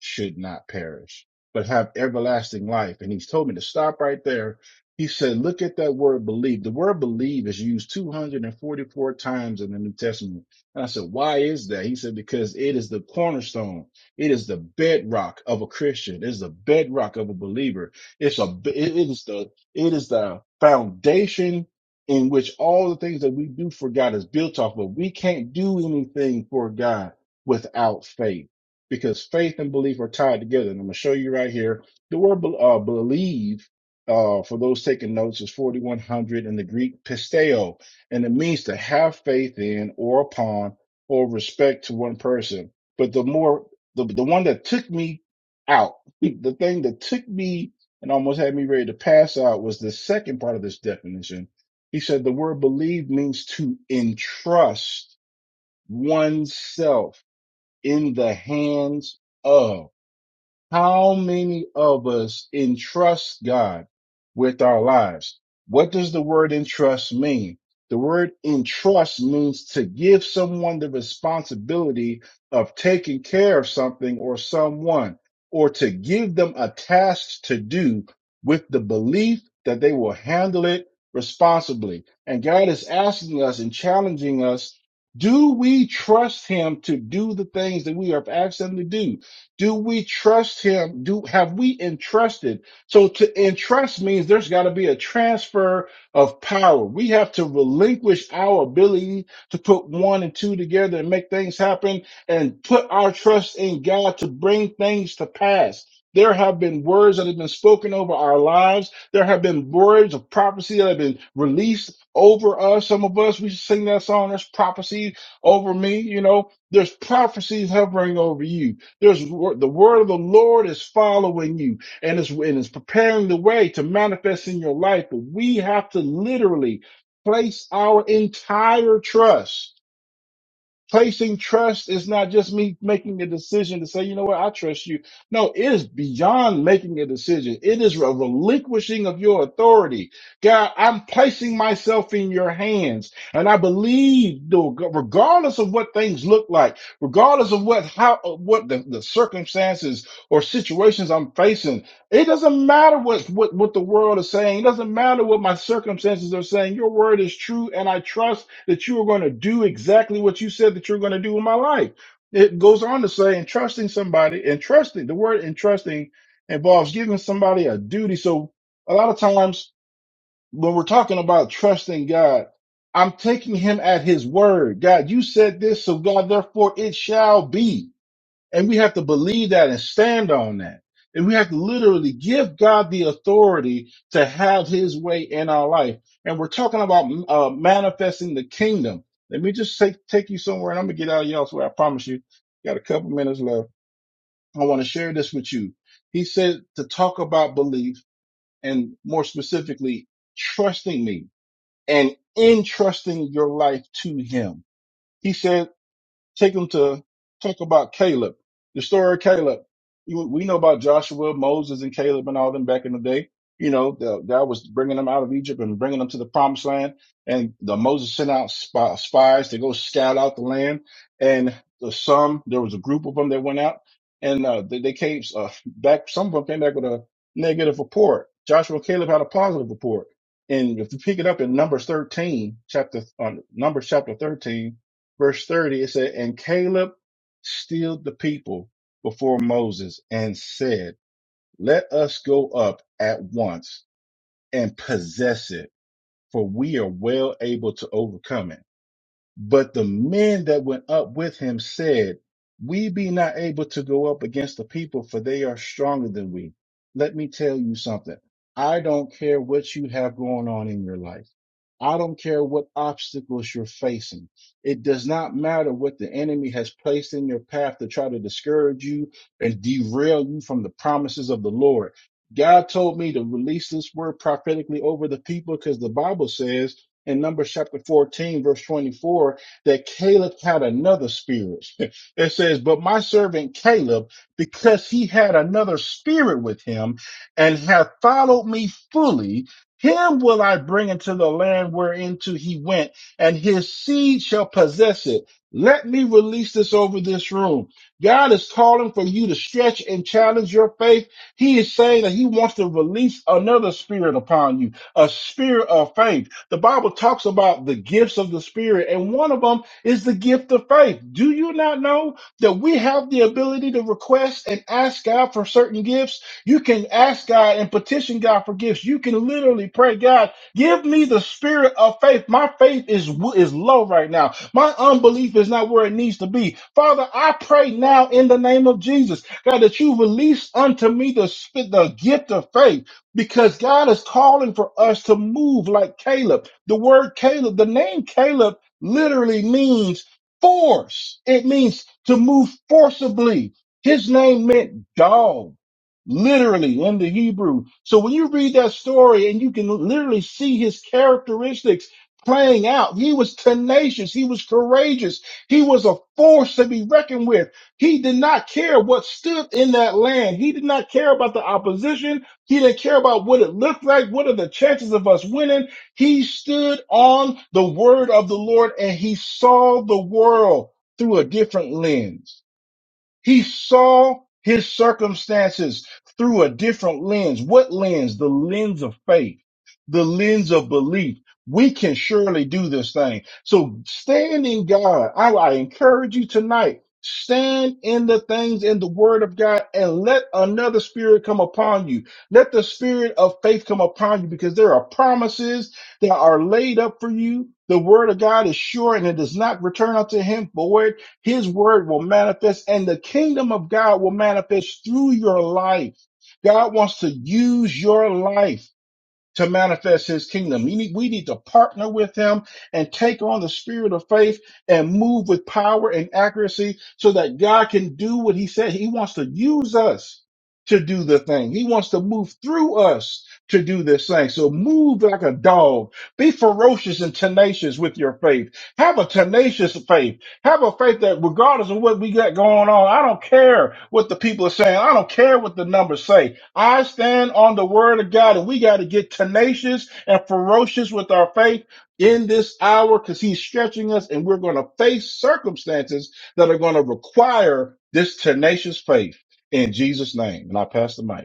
S4: should not perish, but have everlasting life. And he's told me to stop right there. He said, look at that word believe. The word believe is used 244 times in the New Testament. And I said, why is that? He said, because it is the cornerstone it is the bedrock of a Christian. It is the bedrock of a believer. It's a it is the it is the foundation in which all the things that we do for God is built off of. We can't do anything for God without faith because faith and belief are tied together. And I'm going to show you right here. The word bel- uh, believe, uh, for those taking notes, is 4100 in the Greek pisteo, and it means to have faith in or upon or respect to one person. But the more the the one that took me out, the thing that took me and almost had me ready to pass out was the second part of this definition. He said the word believe means to entrust oneself in the hands of. How many of us entrust God with our lives? What does the word entrust mean? The word entrust means to give someone the responsibility of taking care of something or someone, or to give them a task to do with the belief that they will handle it responsibly. And God is asking us and challenging us, do we trust him to do the things that we have asked him to do? Do we trust him? Do have we entrusted? So to entrust means there's got to be a transfer of power. We have to relinquish our ability to put one and two together and make things happen and put our trust in God to bring things to pass. There have been words that have been spoken over our lives. There have been words of prophecy that have been released over us. Some of us, we sing that song, there's prophecy over me, you know, there's prophecies hovering over you there's wor- the word of the Lord is following you and it's, and it's preparing the way to manifest in your life. But we have to literally place our entire trust placing trust is not just me making the decision to say, you know what, I trust you. No, it is beyond making a decision. It is a relinquishing of your authority. God, I'm placing myself in your hands and I believe though, regardless of what things look like, regardless of what, how, what the, the circumstances or situations I'm facing, it doesn't matter what, what, what the world is saying. It doesn't matter what my circumstances are saying. Your word is true, and I trust that you are going to do exactly what you said that you're going to do in my life. It goes on to say, and trusting somebody, and trusting, the word entrusting involves giving somebody a duty. So a lot of times when we're talking about trusting God, I'm taking him at his word. God, you said this, so God, therefore it shall be. And we have to believe that and stand on that. And we have to literally give God the authority to have his way in our life. And we're talking about uh, manifesting the kingdom. Let me just take, take you somewhere and I'm going to get out of y'all's way. I promise you. Got a couple minutes left. I want to share this with you. He said to talk about belief and more specifically, trusting me and entrusting your life to him. He said. Take them to talk about Caleb, the story of Caleb. You, we know about Joshua, Moses, and Caleb and all them back in the day. You know, the, God was bringing them out of Egypt and bringing them to the promised land. And the Moses sent out spy, spies to go scout out the land. And the, some, there was a group of them that went out and uh, they, they came uh, back. Some of them came back with a negative report. Joshua and Caleb had a positive report. And if you pick it up in Numbers 13, chapter, uh, Numbers chapter 13, verse 30, it said, And Caleb stilled the people before Moses and said, Let us go up at once and possess it, for we are well able to overcome it. But the men that went up with him said, We be not able to go up against the people, for they are stronger than we. Let me tell you something. I don't care what you have going on in your life. I don't care what obstacles you're facing. It does not matter what the enemy has placed in your path to try to discourage you and derail you from the promises of the Lord. God told me to release this word prophetically over the people because the Bible says in Numbers chapter 14, verse 24, that Caleb had another spirit. <laughs> It says, But my servant Caleb, because he had another spirit with him and hath followed me fully, him will I bring into the land whereinto he went, and his seed shall possess it. Let me release this over this room. God is calling for you to stretch and challenge your faith. He is saying that he wants to release another spirit upon you, a spirit of faith the Bible talks about the gifts of the Spirit, and one of them is the gift of faith. Do you not know that we have the ability to request and ask God for certain gifts? You can ask God and petition God for gifts. You can literally pray, God, give me the spirit of faith. My faith is w- is low right now. My unbelief is not where it needs to be. Father, I pray now in the name of Jesus, God, that you release unto me the sp- the gift of faith because God is calling for us to move like Caleb. The word Caleb, the name Caleb literally means force. It means to move forcibly. His name meant dog, literally in the Hebrew. So when you read that story and you can literally see his characteristics playing out, he was tenacious. He was courageous. He was a force to be reckoned with. He did not care what stood in that land. He did not care about the opposition. He didn't care about what it looked like. What are the chances of us winning? He stood on the word of the Lord and he saw the world through a different lens. He saw his circumstances through a different lens. What lens? The lens of faith, the lens of belief. We can surely do this thing. So stand in God. I, I encourage you tonight. Stand in the things in the word of God and let another spirit come upon you. Let the spirit of faith come upon you because there are promises that are laid up for you. The word of God is sure and it does not return unto him void his word will manifest and the kingdom of God will manifest through your life. God wants to use your life to manifest his kingdom. You need- We need to partner with him and take on the spirit of faith and move with power and accuracy so that God can do what he said. He wants to use us to do the thing. He wants to move through us to do this thing. So move like a dog. Be ferocious and tenacious with your faith. Have a tenacious faith. Have a faith that regardless of what we got going on, I don't care what the people are saying. I don't care what the numbers say. I stand on the word of God, and we got to get tenacious and ferocious with our faith in this hour because He's stretching us, and we're going to face circumstances that are going to require this tenacious faith in Jesus' name. And I pass the mic.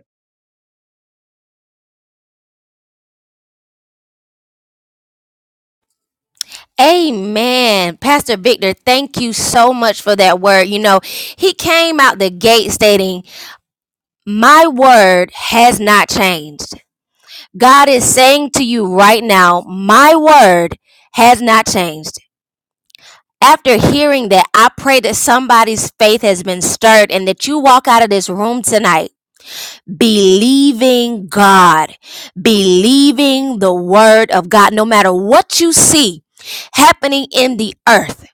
S1: Amen. Pastor Victor, thank you so much for that word. You know, he came out the gate stating, My word has not changed. God is saying to you right now, My word has not changed. After hearing that, I pray that somebody's faith has been stirred and that you walk out of this room tonight believing God, believing the word of God, no matter what you see happening in the earth.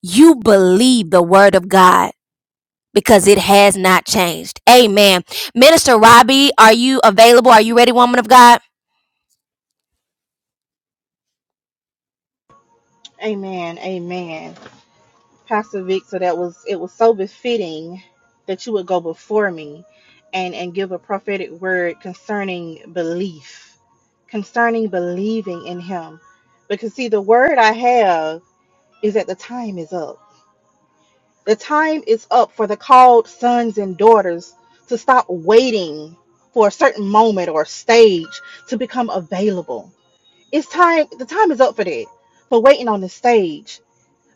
S1: You believe the word of God because it has not changed. Amen. Minister Robbie, are you available? Are you ready, woman of God?
S5: Amen. Amen. Pastor Vic, so that was it was so befitting that you would go before me and and give a prophetic word concerning belief, concerning believing in him. Because see the word I have is that the time is up. The time is up for the called sons and daughters to stop waiting for a certain moment or stage to become available. It's time the time is up for that. For waiting on the stage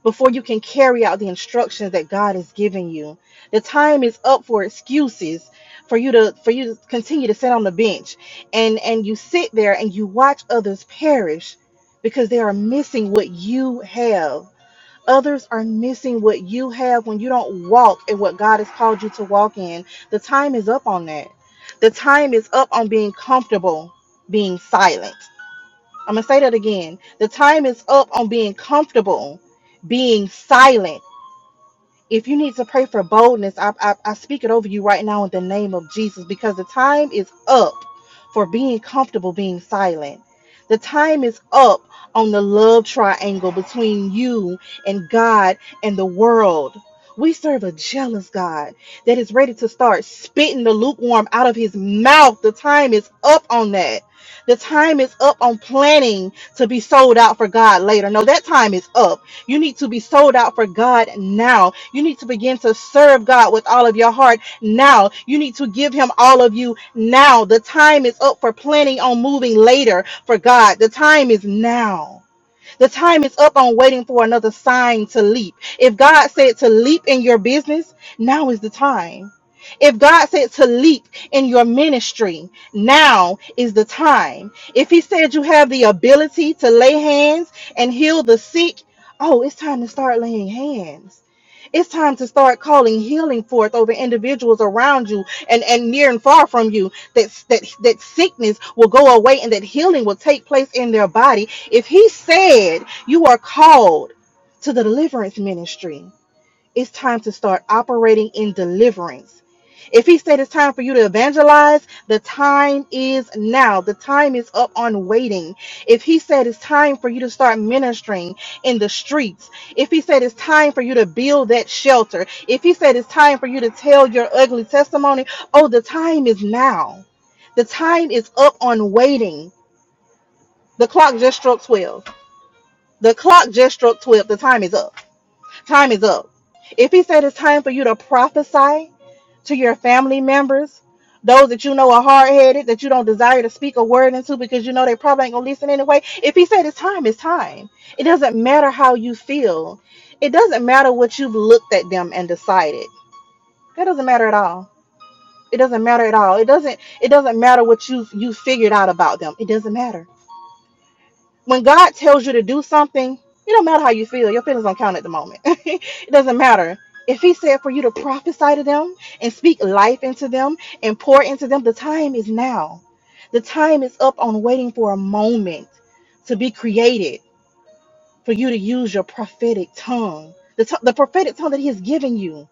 S5: before you can carry out the instructions that God is giving you. The time is up for excuses for you to for you to continue to sit on the bench and and you sit there and you watch others perish because they are missing what you have. Others are missing what you have when you don't walk in what God has called you to walk in. The time is up on that. The time is up on being comfortable being silent. I'm gonna say that again. The time is up on being comfortable, being silent if you need to pray for boldness, I, I, I speak it over you right now in the name of Jesus because the time is up for being comfortable being silent. The time is up on the love triangle between you and God and the world. We serve a jealous God that is ready to start spitting the lukewarm out of his mouth. The time is up on that. The time is up on planning to be sold out for God later. No, that time is up. You need to be sold out for God now. You need to begin to serve God with all of your heart now. You need to give Him all of you now. The time is up for planning on moving later for God. The time is now. The time is up on waiting for another sign to leap. If God said to leap in your business, now is the time. If God said to leap in your ministry, now is the time. If He said you have the ability to lay hands and heal the sick, oh, it's time to start laying hands. It's time to start calling healing forth over individuals around you and, and near and far from you that, that that sickness will go away and that healing will take place in their body if he said you are called to the deliverance ministry, it's time to start operating in deliverance. If he said it's time for you to evangelize, the time is now. The time is up on waiting. If he said it's time for you to start ministering in the streets, if he said it's time for you to build that shelter, if he said it's time for you to tell your ugly testimony, oh, the time is now. The time is up on waiting. The clock just struck 12. The clock just struck 12. The time is up. Time is up. If he said it's time for you to prophesy to your family members, those that you know are hard headed, that you don't desire to speak a word into because you know they probably ain't going to listen anyway. If he said it's time, it's time. It doesn't matter how you feel. It doesn't matter what you've looked at them and decided. That doesn't matter at all. It doesn't matter at all. It doesn't it doesn't matter what you you figured out about them. It doesn't matter when God tells you to do something, it don't matter how you feel. Your feelings don't count at the moment. <laughs> it doesn't matter. If He said for you to prophesy to them and speak life into them and pour into them, the time is now. The time is up on waiting for a moment to be created for you to use your prophetic tongue, the, t- the prophetic tongue that He has given you.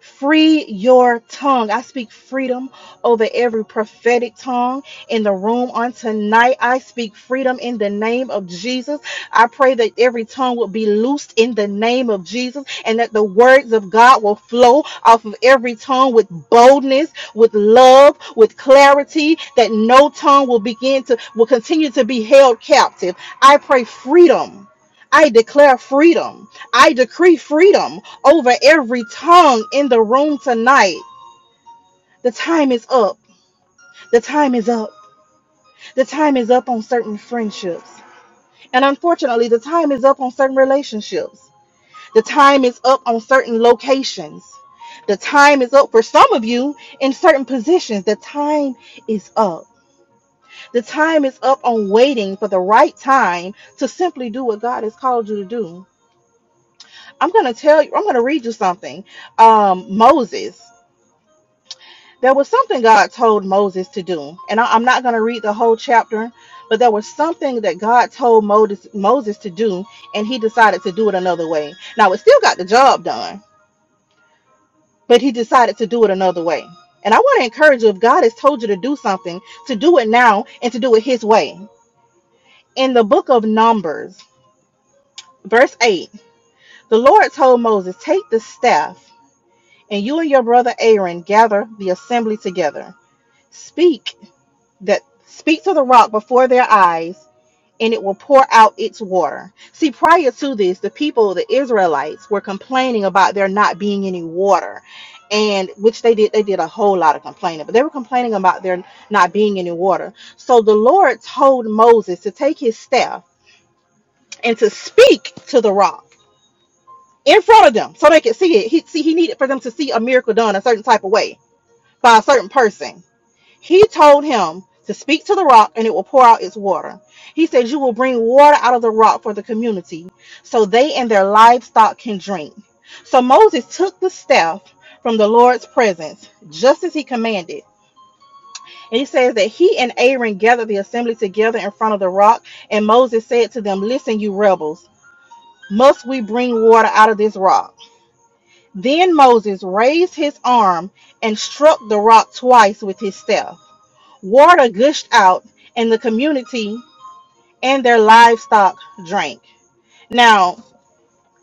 S5: Free your tongue. I speak freedom over every prophetic tongue in the room on tonight. I speak freedom in the name of Jesus. I pray that every tongue will be loosed in the name of Jesus and that the words of God will flow off of every tongue with boldness, with love, with clarity, that no tongue will begin to, will continue to be held captive. I pray freedom. I declare freedom. I decree freedom over every tongue in the room tonight. The time is up. The time is up. The time is up on certain friendships. And unfortunately, the time is up on certain relationships. The time is up on certain locations. The time is up for some of you in certain positions. The time is up. The time is up on waiting for the right time to simply do what God has called you to do. I'm going to tell you, I'm going to read you something. Um, Moses. there was something God told Moses to do. And I, am not going to read the whole chapter, but there was something that God told Moses, Moses to do, and he decided to do it another way. Now, it still got the job done, but he decided to do it another way. And I want to encourage you if God has told you to do something, to do it now and to do it his way. In the book of Numbers, verse 8, the Lord told Moses, Take the staff, and you and your brother Aaron gather the assembly together. Speak that speak to the rock before their eyes and it will pour out its water. See, prior to this, the people, the Israelites, were complaining about there not being any water. And which they did, they did a whole lot of complaining, but they were complaining about there not being any water. So the Lord told Moses to take his staff and to speak to the rock in front of them so they could see it. He see he needed for them to see a miracle done a certain type of way by a certain person he told him to speak to the rock and it will pour out its water. He said, You will bring water out of the rock for the community so they and their livestock can drink. So Moses took the staff from the Lord's presence, just as he commanded. And he says that he and Aaron gathered the assembly together in front of the rock. And Moses said to them, Listen, you rebels, must we bring water out of this rock? Then Moses raised his arm and struck the rock twice with his staff. Water gushed out, and the community and their livestock drank. Now,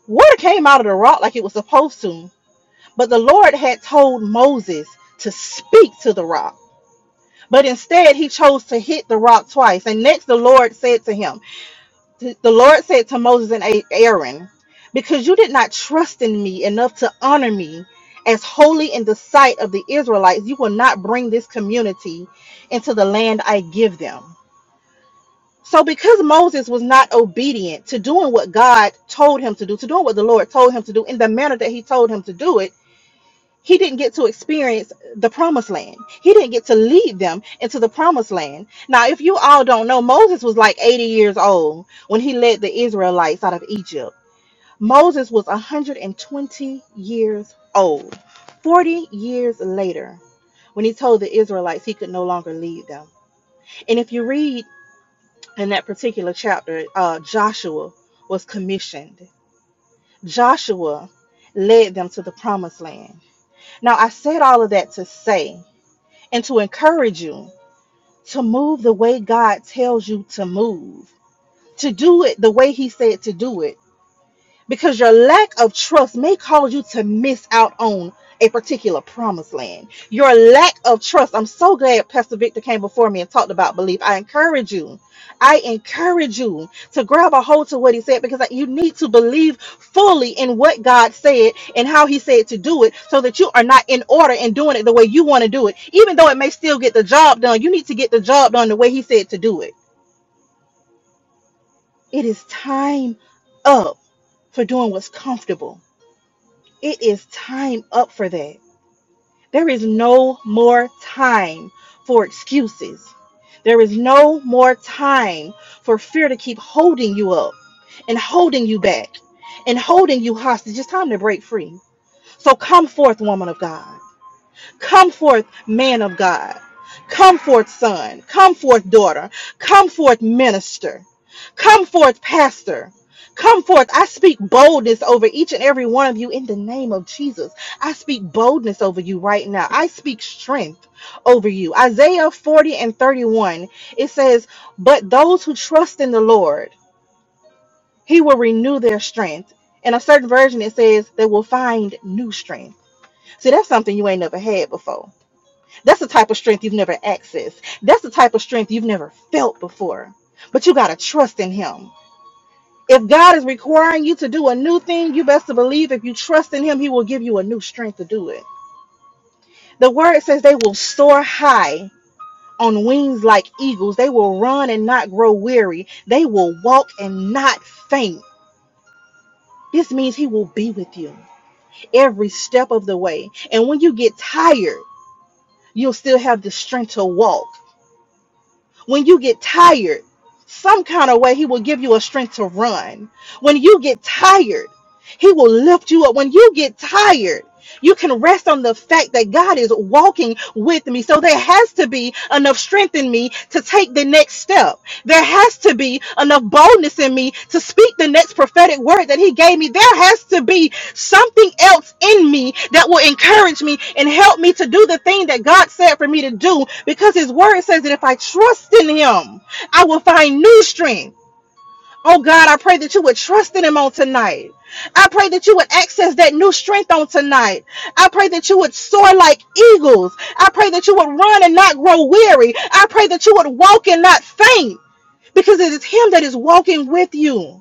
S5: water came out of the rock like it was supposed to, but the Lord had told Moses to speak to the rock. But instead, he chose to hit the rock twice. And next, the Lord said to him, The Lord said to Moses and A- Aaron, Because you did not trust in me enough to honor me as holy in the sight of the Israelites, you will not bring this community into the land I give them. So, because Moses was not obedient to doing what God told him to do, to doing what the Lord told him to do in the manner that he told him to do it, he didn't get to experience the promised land. He didn't get to lead them into the promised land. Now, if you all don't know, Moses was like 80 years old when he led the Israelites out of Egypt. Moses was 120 years old. 40 years later, when he told the Israelites he could no longer lead them. And if you read in that particular chapter, uh, Joshua was commissioned. Joshua led them to the promised land. Now, I said all of that to say and to encourage you to move the way God tells you to move, to do it the way He said to do it because your lack of trust may cause you to miss out on a particular promised land. Your lack of trust. I'm so glad Pastor Victor came before me and talked about belief. I encourage you. I encourage you to grab a hold to what he said because you need to believe fully in what God said and how he said to do it so that you are not in order and doing it the way you want to do it. Even though it may still get the job done, you need to get the job done the way he said to do it. It is time up for doing what's comfortable It is time up for that. There is no more time for excuses. There is no more time for fear to keep holding you up and holding you back and holding you hostage. It's time to break free. So come forth, woman of God. Come forth, man of God. Come forth, son. Come forth, daughter. Come forth, minister. Come forth, pastor. Come forth. I speak boldness over each and every one of you in the name of Jesus. I speak boldness over you right now. I speak strength over you. Isaiah 40 and 31, it says, But those who trust in the Lord, he will renew their strength. In a certain version, it says, They will find new strength. See, that's something you ain't never had before that's the type of strength you've never accessed. That's the type of strength you've never felt before. But you got to trust in Him. If God is requiring you to do a new thing, you best to believe if you trust in Him, He will give you a new strength to do it. The word says they will soar high on wings like eagles. They will run and not grow weary. They will walk and not faint. This means He will be with you every step of the way. And when you get tired, you'll still have the strength to walk. When you get tired, some kind of way, He will give you a strength to run. When you get tired, He will lift you up. When you get tired, you can rest on the fact that God is walking with me. So there has to be enough strength in me to take the next step. There has to be enough boldness in me to speak the next prophetic word that He gave me. There has to be something else in me that will encourage me and help me to do the thing that God said for me to do because His Word says that if I trust in Him, I will find new strength. Oh God, I pray that you would trust in Him on tonight. I pray that you would access that new strength on tonight. I pray that you would soar like eagles. I pray that you would run and not grow weary. I pray that you would walk and not faint because it is Him that is walking with you.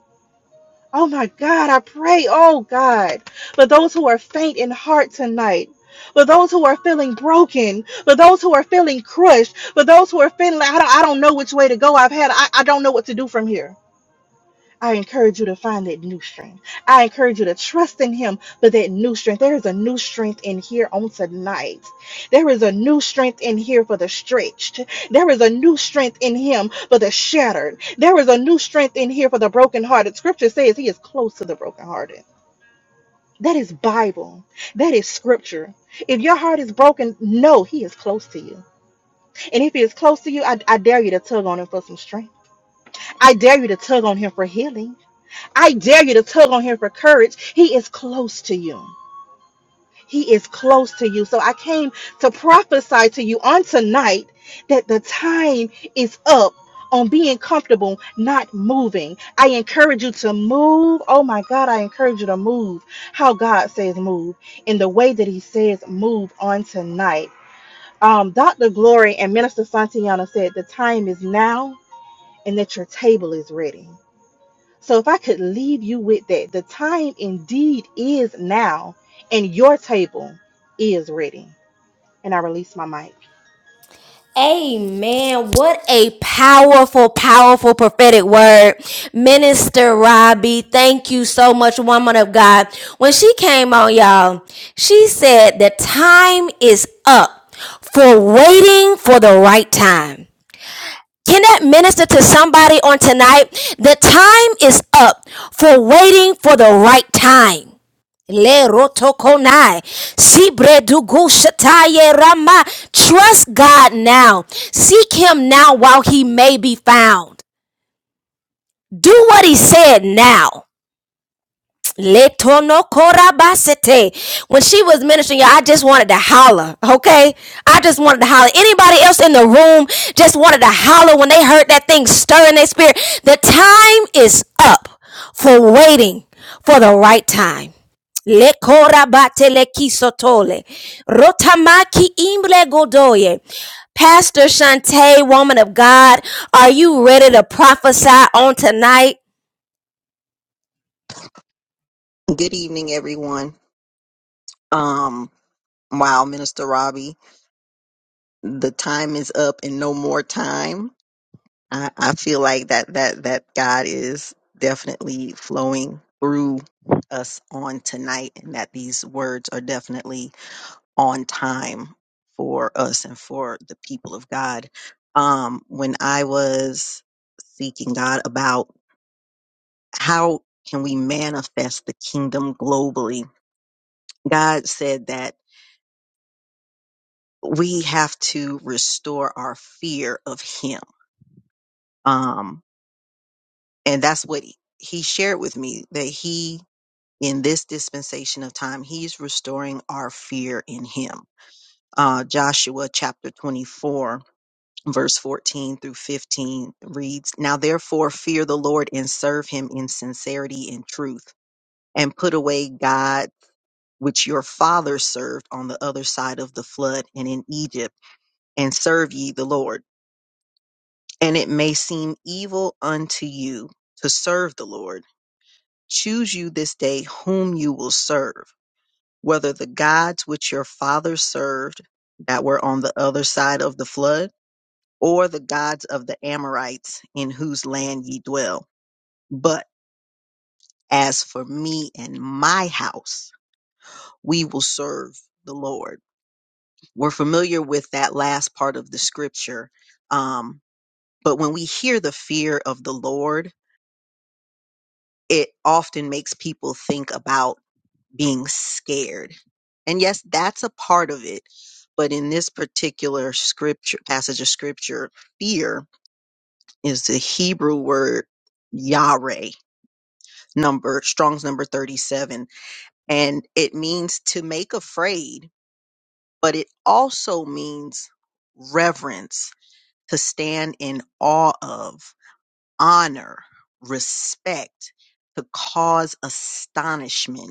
S5: Oh my God, I pray, oh God, for those who are faint in heart tonight, for those who are feeling broken, for those who are feeling crushed, for those who are feeling, I don't, I don't know which way to go. I've had, I, I don't know what to do from here. I encourage you to find that new strength. I encourage you to trust in Him for that new strength. There is a new strength in here on tonight. There is a new strength in here for the stretched. There is a new strength in Him for the shattered. There is a new strength in here for the brokenhearted. Scripture says He is close to the brokenhearted. That is Bible. That is scripture. If your heart is broken, know He is close to you. And if He is close to you, I, I dare you to tug on Him for some strength. I dare you to tug on Him for healing. I dare you to tug on him for courage. He is close to you. He is close to you. So I came to prophesy to you on tonight that the time is up on being comfortable, not moving. I encourage you to move. Oh my God, I encourage you to move how God says move in the way that He says move on tonight. Um, Dr. Glory and Minister Santiana said the time is now and that your table is ready. So if I could leave you with that, the time indeed is now, and your table is ready. And I release my mic.
S1: Amen. What a powerful, powerful prophetic word. Minister Robbie, thank you so much, woman of God. When she came on, y'all, she said the time is up for waiting for the right time. Can that minister to somebody on tonight? The time is up for waiting for the right time. Le rotokonai. Sibre dugu shataye rama. Trust God now. Seek him now while he may be found. Do what he said now. Letono korabasete. When she was ministering, y'all, I just wanted to holler. Okay, I just wanted to holler. Anybody else in the room just wanted to holler when they heard that thing stir in their spirit? The time is up for waiting for the right time. Le korabate le kisotole. Rotamaki imble godoye. Pastor Shantae, woman of God, are you ready to prophesy on tonight?
S6: Good evening, everyone. Um, wow, Minister Robbie, the time is up and no more time. I, I feel like that that that God is definitely flowing through us on tonight, and that these words are definitely on time for us and for the people of God. Um, when I was seeking God about how can we manifest the kingdom globally, God said that. we have to restore our fear of him. Um, and that's what he shared with me that he, in this dispensation of time, he's restoring our fear in him. Uh, Joshua chapter 24, verse 14 through 15 reads, Now therefore fear the Lord and serve him in sincerity and truth, and put away God which your fathers served on the other side of the flood and in Egypt, and serve ye the Lord. and it may seem evil unto you to serve the Lord. Choose you this day whom you will serve, whether the gods which your fathers served that were on the other side of the flood, or the gods of the Amorites in whose land ye dwell. But as for me and my house, we will serve the Lord. We're familiar with that last part of the scripture. Um, but when we hear the fear of the Lord, it often makes people think about being scared. And yes, that's a part of it. But in this particular scripture, passage of scripture, fear is the Hebrew word yare, number, Strong's number 37. And it means to make afraid, but it also means reverence, to stand in awe of, honor, respect, to cause astonishment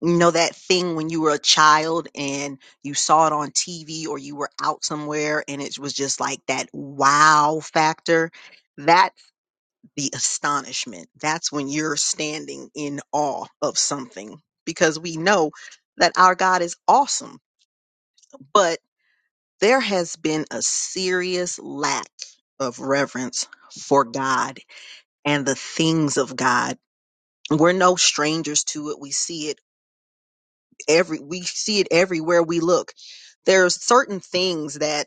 S6: you know that thing when you were a child and you saw it on TV or you were out somewhere and it was just like that wow factor? That's the astonishment. That's when you're standing in awe of something because we know that our God is awesome. But there has been a serious lack of reverence for God and the things of God. We're no strangers to it. We see it every we see it everywhere we look there are certain things that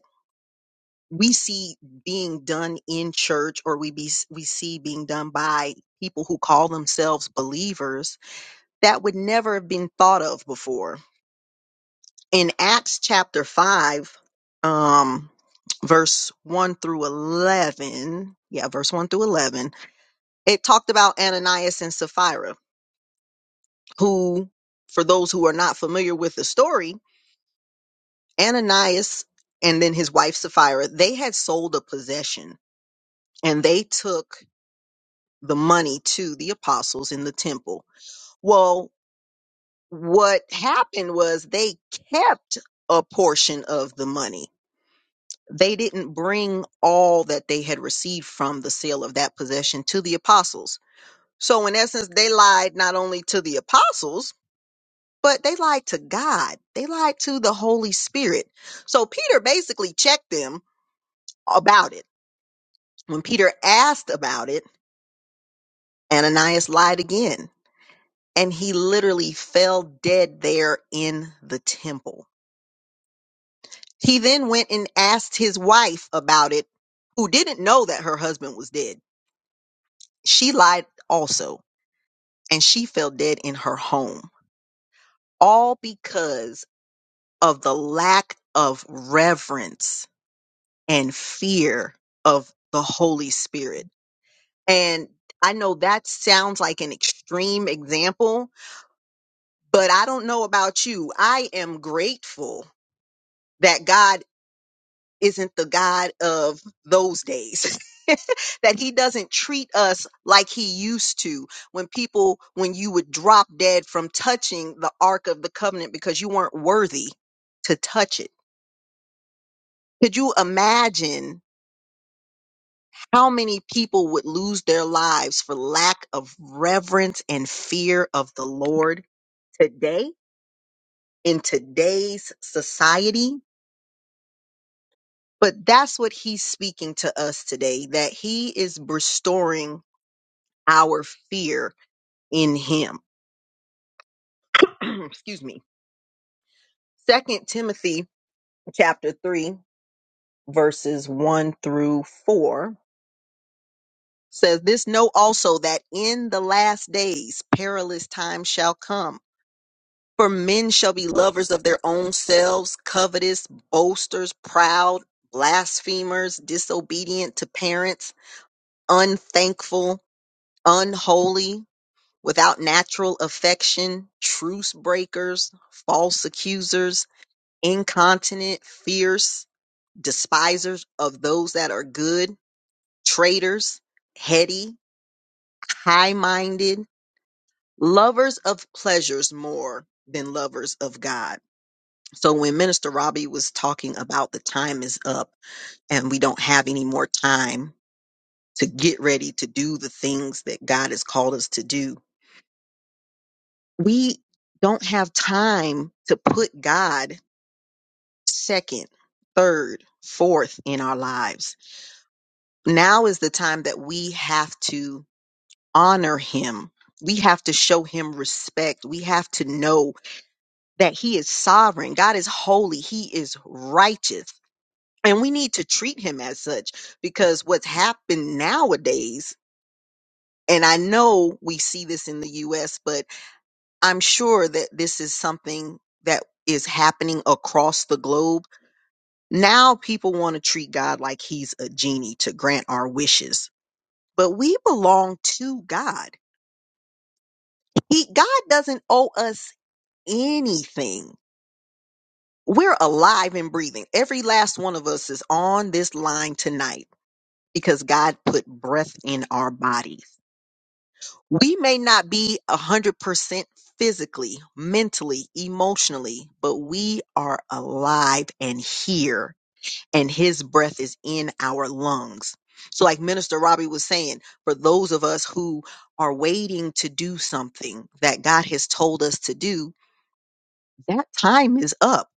S6: we see being done in church or we be we see being done by people who call themselves believers that would never have been thought of before in acts chapter 5 um verse 1 through 11 yeah verse 1 through 11 it talked about ananias and sapphira who for those who are not familiar with the story Ananias and then his wife Sapphira, they had sold a possession and they took the money to the apostles in the temple. Well, what happened was they kept a portion of the money. They didn't bring all that they had received from the sale of that possession to the apostles. So, in essence, they lied not only to the apostles, but they lied to God. They lied to the Holy Spirit. So, Peter basically checked them about it When Peter asked about it, Ananias lied again, and he literally fell dead there in the temple. He then went and asked his wife about it, who didn't know that her husband was dead. She lied also, and she fell dead in her home, all because of the lack of reverence and fear of the Holy Spirit. And I know that sounds like an extreme example, But I don't know about you. I am grateful that God isn't the God of those days. <laughs> that he doesn't treat us like he used to when people when you would drop dead from touching the ark of the covenant because you weren't worthy to touch it. Could you imagine how many people would lose their lives for lack of reverence and fear of the Lord today in today's society? But that's what he's speaking to us today that he is restoring our fear in him. <clears throat> Excuse me. Second Timothy chapter 3 verses 1 through 4 says this know also that in the last days perilous times shall come for men shall be lovers of their own selves covetous boasters proud blasphemers disobedient to parents unthankful unholy Without natural affection, truce breakers, false accusers, incontinent, fierce, despisers of those that are good, traitors, heady, high minded, lovers of pleasures more than lovers of God. So when Minister Robbie was talking about the time is up and we don't have any more time to get ready to do the things that God has called us to do, we don't have time to put God second, third, fourth in our lives. Now is the time that we have to honor him. We have to show him respect. We have to know that he is sovereign. God is holy. He is righteous. And we need to treat him as such because what's happened nowadays, and I know we see this in the US, but I'm sure that this is something that is happening across the globe. Now people want to treat God like he's a genie to grant our wishes. But we belong to God. He God doesn't owe us anything. We're alive and breathing. Every last one of us is on this line tonight because God put breath in our bodies. We may not be 100% physically, mentally, emotionally, but we are alive and here, and His breath is in our lungs. So, like Minister Robbie was saying, for those of us who are waiting to do something that God has told us to do, that time is up.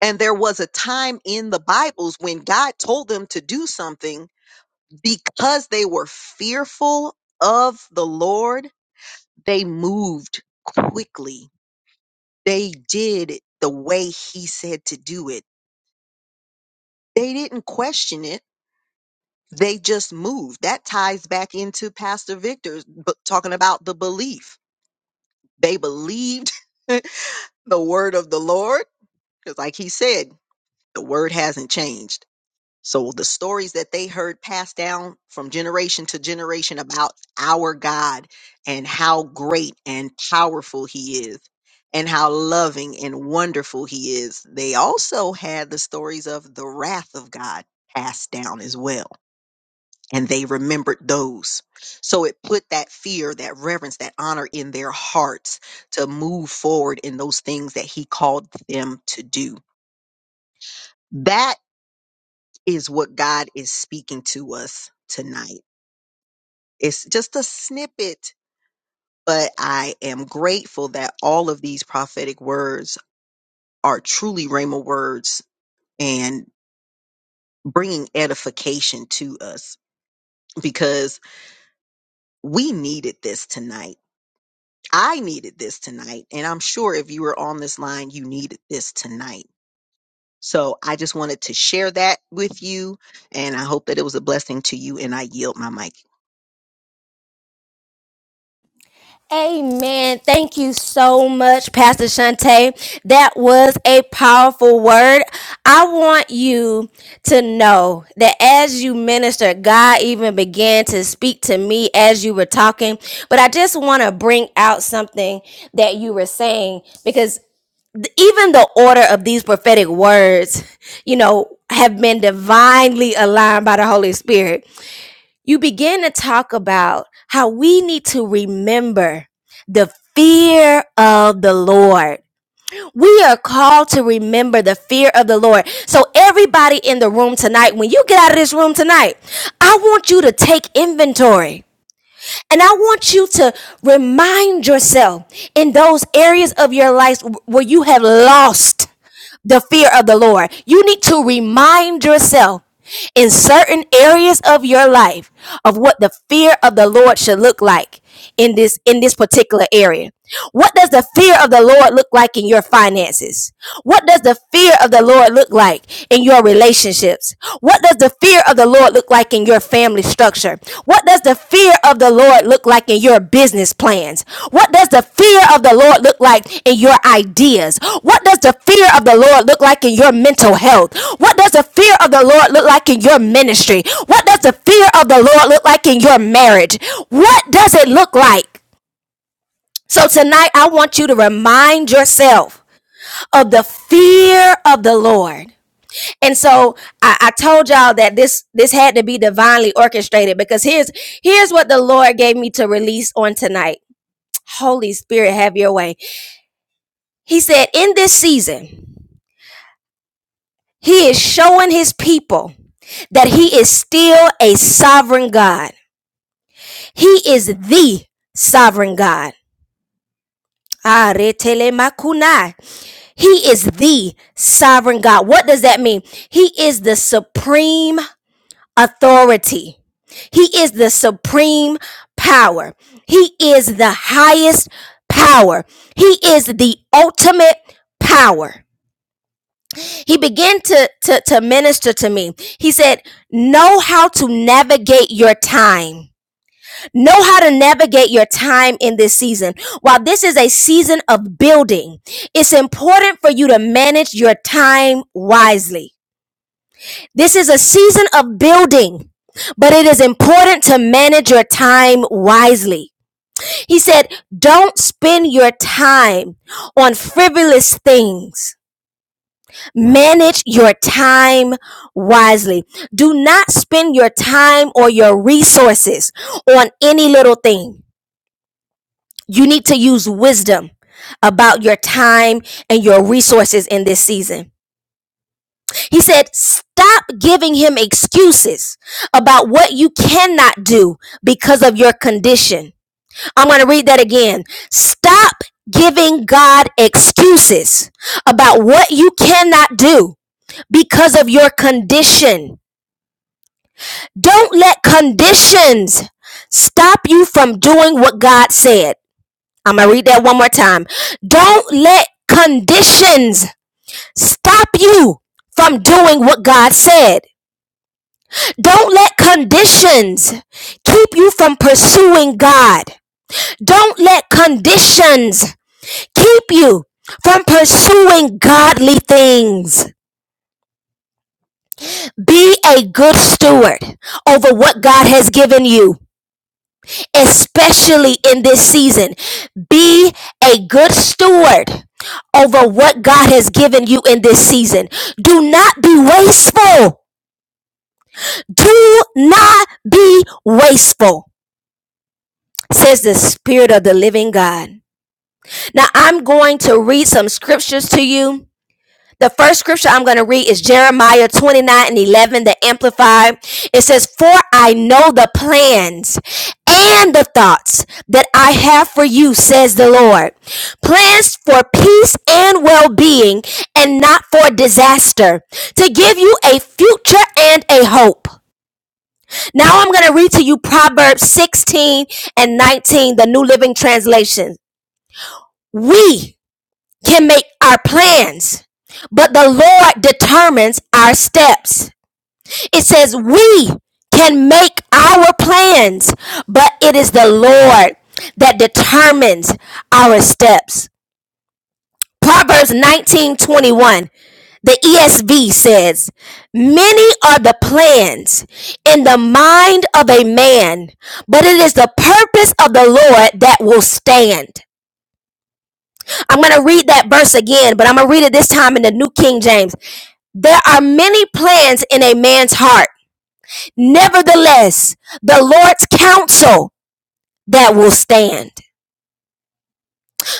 S6: And there was a time in the Bibles when God told them to do something because they were fearful of the Lord they moved quickly. They did it the way he said to do it. They didn't question it. They just moved. That ties back into Pastor Victor's b- talking about the belief. They believed <laughs> the word of the Lord because, like he said, the word hasn't changed So the stories that they heard passed down from generation to generation about our God and how great and powerful he is and how loving and wonderful he is. They also had the stories of the wrath of God passed down as well. And they remembered those. So it put that fear, that reverence, that honor in their hearts to move forward in those things that he called them to do. That is what God is speaking to us tonight. It's just a snippet, but I am grateful that all of these prophetic words are truly Rhema words and bringing edification to us because we needed this tonight. I needed this tonight. And I'm sure if you were on this line, you needed this tonight. So I just wanted to share that with you. And I hope that it was a blessing to you. And I yield my mic.
S1: Amen. Thank you so much, Pastor Shante. That was a powerful word. I want you to know that as you minister, God even began to speak to me as you were talking. But I just want to bring out something that you were saying because even the order of these prophetic words, you know, have been divinely aligned by the Holy Spirit you begin to talk about how we need to remember the fear of the Lord. We are called to remember the fear of the Lord. So, everybody in the room tonight, when you get out of this room tonight, I want you to take inventory. And I want you to remind yourself in those areas of your life where you have lost the fear of the Lord. You need to remind yourself in certain areas of your life of what the fear of the Lord should look like in this in this particular area. What does the fear of the Lord look like in your finances? What does the fear of the Lord look like in your relationships? What does the fear of the Lord look look like in your family structure? What does the fear of the Lord look like in your business plans? What does the fear of the Lord look like in your ideas? What does the fear of the Lord look like in your mental health? What does the fear of the Lord look like in your ministry? What does the fear of the Lord look like in your marriage? What does it look like? So tonight I want you to remind yourself of the fear of the Lord and so I, I told y'all that this this had to be divinely orchestrated because here's here's what the Lord gave me to release on tonight. Holy Spirit, have your way. He said, in this season, he is showing his people that he is still a sovereign God. He is the sovereign God. Ah, He is the sovereign God. What does that mean? He is the supreme authority. He is the supreme power. He is the highest power. He is the ultimate power. He began to, to, to minister to me. He said, Know how to navigate your time. Know how to navigate your time in this season. While this is a season of building, it's important for you to manage your time wisely. This is a season of building, but it is important to manage your time wisely. He said, Don't spend your time on frivolous things. Manage your time wisely. Do not spend your time or your resources on any little thing. You need to use wisdom about your time and your resources in this season. He said, Stop giving him excuses about what you cannot do because of your condition. I'm going to read that again. Stop giving God excuses about what you cannot do because of your condition. Don't let conditions stop you from doing what God said. I'm going to read that one more time. Don't let conditions stop you from doing what God said. Don't let conditions keep you from pursuing God. Don't let conditions keep you from pursuing godly things. Be a good steward over what God has given you, especially in this season. Be a good steward over what God has given you in this season. Do not be wasteful. Do not be wasteful. says the Spirit of the living God. Now I'm going to read some scriptures to you. The first scripture I'm going to read is Jeremiah 29 and 11, the Amplified. It says, For I know the plans and the thoughts that I have for you, says the Lord. Plans for peace and well being and not for disaster, to give you a future and a hope. Now I'm going to read to you Proverbs 16 and 19, the New Living Translation. We can make our plans, but the Lord determines our steps. It says we can make our plans, but it is the Lord that determines our steps. Proverbs 19:21, the ESV says, "Many are the plans in the mind of a man, but it is the purpose of the Lord that will stand." I'm going to read that verse again, but I'm going to read it this time in the New King James. There are many plans in a man's heart. Nevertheless, the Lord's counsel that will stand.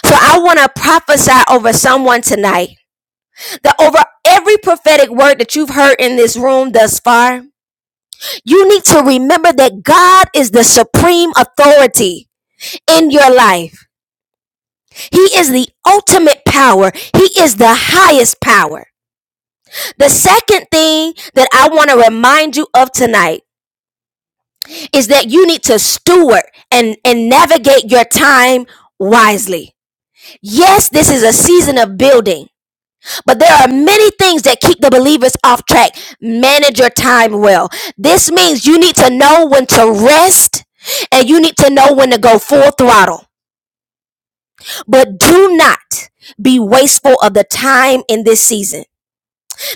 S1: So I want to prophesy over someone tonight that over every prophetic word that you've heard in this room thus far, you need to remember that God is the supreme authority in your life. He is the ultimate power. He is the highest power. The second thing that I want to remind you of tonight is that you need to steward and, and navigate your time wisely. Yes, this is a season of building, but there are many things that keep the believers off track. Manage your time well. This means you need to know when to rest and you need to know when to go full throttle. But do not be wasteful of the time in this season.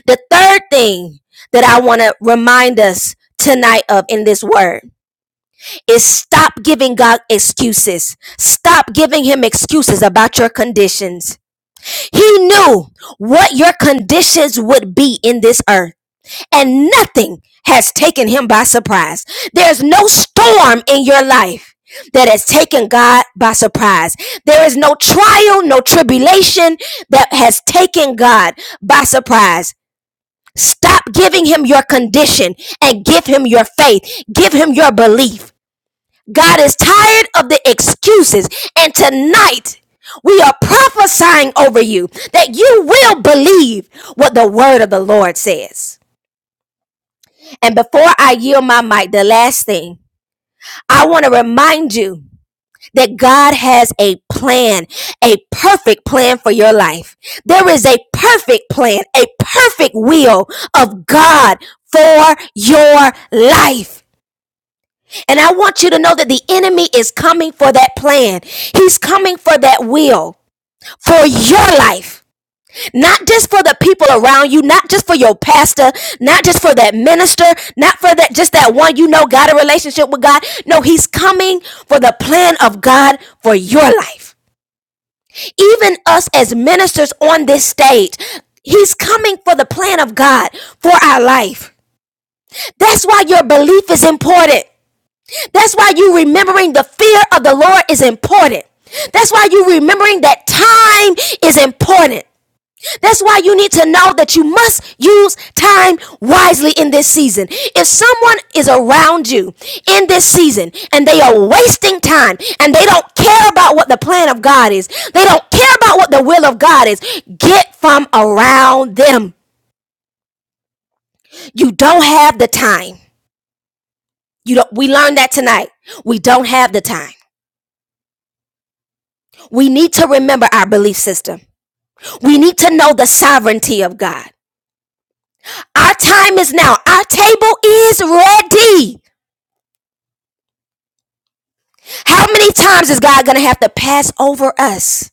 S1: The third thing that I want to remind us tonight of in this word is stop giving God excuses. Stop giving him excuses about your conditions. He knew what your conditions would be in this earth and nothing has taken him by surprise. There's no storm in your life that has taken God by surprise. There is no trial, no tribulation that has taken God by surprise. Stop giving him your condition and give him your faith. Give him your belief. God is tired of the excuses. And tonight, we are prophesying over you that you will believe what the word of the Lord says. And before I yield my mic, the last thing I want to remind you that God has a plan, a perfect plan for your life. There is a perfect plan, a perfect will of God for your life. And I want you to know that the enemy is coming for that plan. He's coming for that will for your life. Not just for the people around you, not just for your pastor, not just for that minister, not for that just that one you know got a relationship with God. No, he's coming for the plan of God for your life even us as ministers on this stage. He's coming for the plan of God for our life. That's why your belief is important. That's why you remembering the fear of the Lord is important. That's why you remembering that time is important. That's why you need to know that you must use time wisely in this season. If someone is around you in this season and they are wasting time and they don't care about what the plan of God is, they don't care about what the will of God is, get from around them. You don't have the time. You don't, we learned that tonight. We don't have the time. We need to remember our belief system. We need to know the sovereignty of God. Our time is now. Our table is ready. How many times is God going to have to pass over us?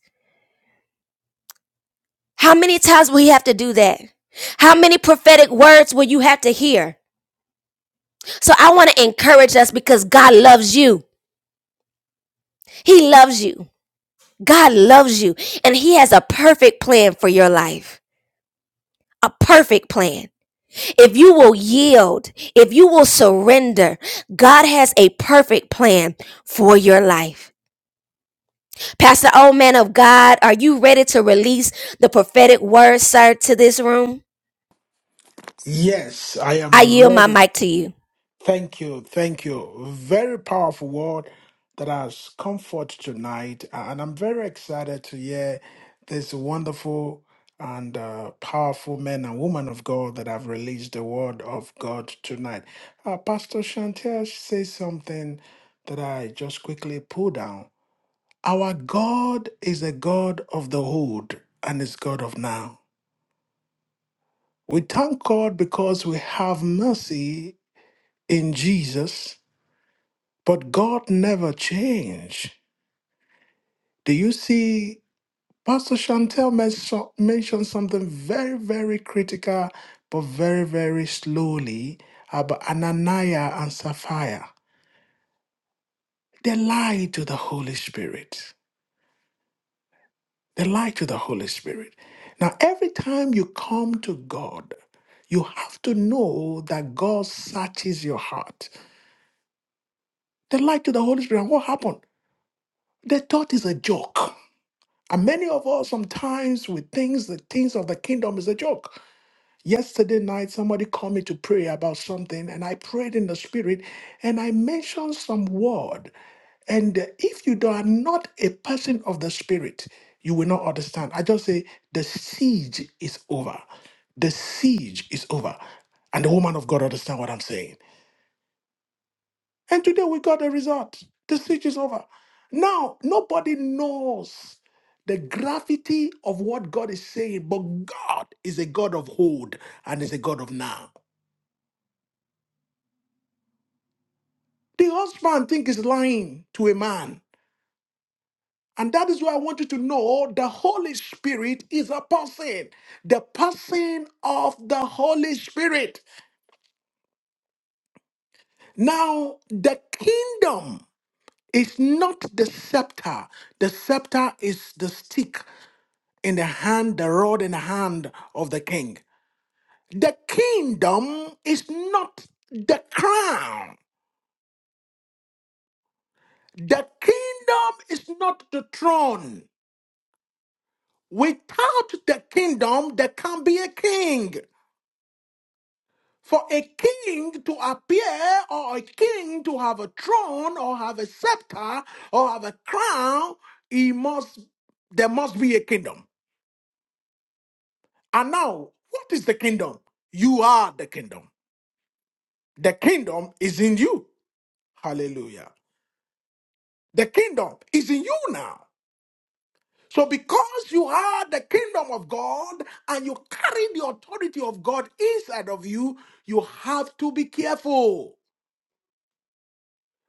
S1: How many times will He have to do that? How many prophetic words will you have to hear? So I want to encourage us because God loves you. He loves you. God loves you. And He has a perfect plan for your life. A perfect plan. If you will yield, if you will surrender, God has a perfect plan for your life. Pastor, old man of God, are you ready to release the prophetic word, sir, to this room?
S3: Yes, I am
S1: I yield my
S3: ready.
S1: mic to you.
S3: Thank you. Thank you. Very powerful word that has comfort tonight. And I'm very excited to hear this wonderful and uh, powerful men and women of God that have released the word of God tonight. Uh, Pastor Chantel says something that I just quickly pull down. Our God is a God of the old and is God of now. We thank God because we have mercy in Jesus But God never changed. Do you see? Pastor Chantel mes- mentioned something very, very critical, but very, very slowly about Ananias and Sapphira. They lied to the Holy Spirit. They lied to the Holy Spirit. Now, every time you come to God, you have to know that God searches your heart. They lied to the Holy Spirit. And what happened? They thought it's a joke. And many of us sometimes we think the things of the kingdom is a joke. Yesterday night, somebody called me to pray about something, and I prayed in the spirit, and I mentioned some word. And uh, if you do- are not a person of the spirit, you will not understand. I just say the siege is over. The siege is over. And the woman of God understand what I'm saying. And today we got the result. The siege is over. Now, nobody knows the gravity of what God is saying, but God is a God of old and is a God of now. The husband think is lying to a man. And that is why I want you to know the Holy Spirit is a person, the person of the Holy Spirit. Now, the kingdom is not the scepter. The scepter is the stick in the hand, the rod in the hand of the king. The kingdom is not the crown. The kingdom is not the throne. Without the kingdom, there can be a king. For a king to appear, or a king to have a throne, or have a scepter, or have a crown, he must there must be a kingdom. And now, what is the kingdom? You are the kingdom. The kingdom is in you. Hallelujah. The kingdom is in you now. So, because you are the kingdom of God and you carry the authority of God inside of you, you have to be careful.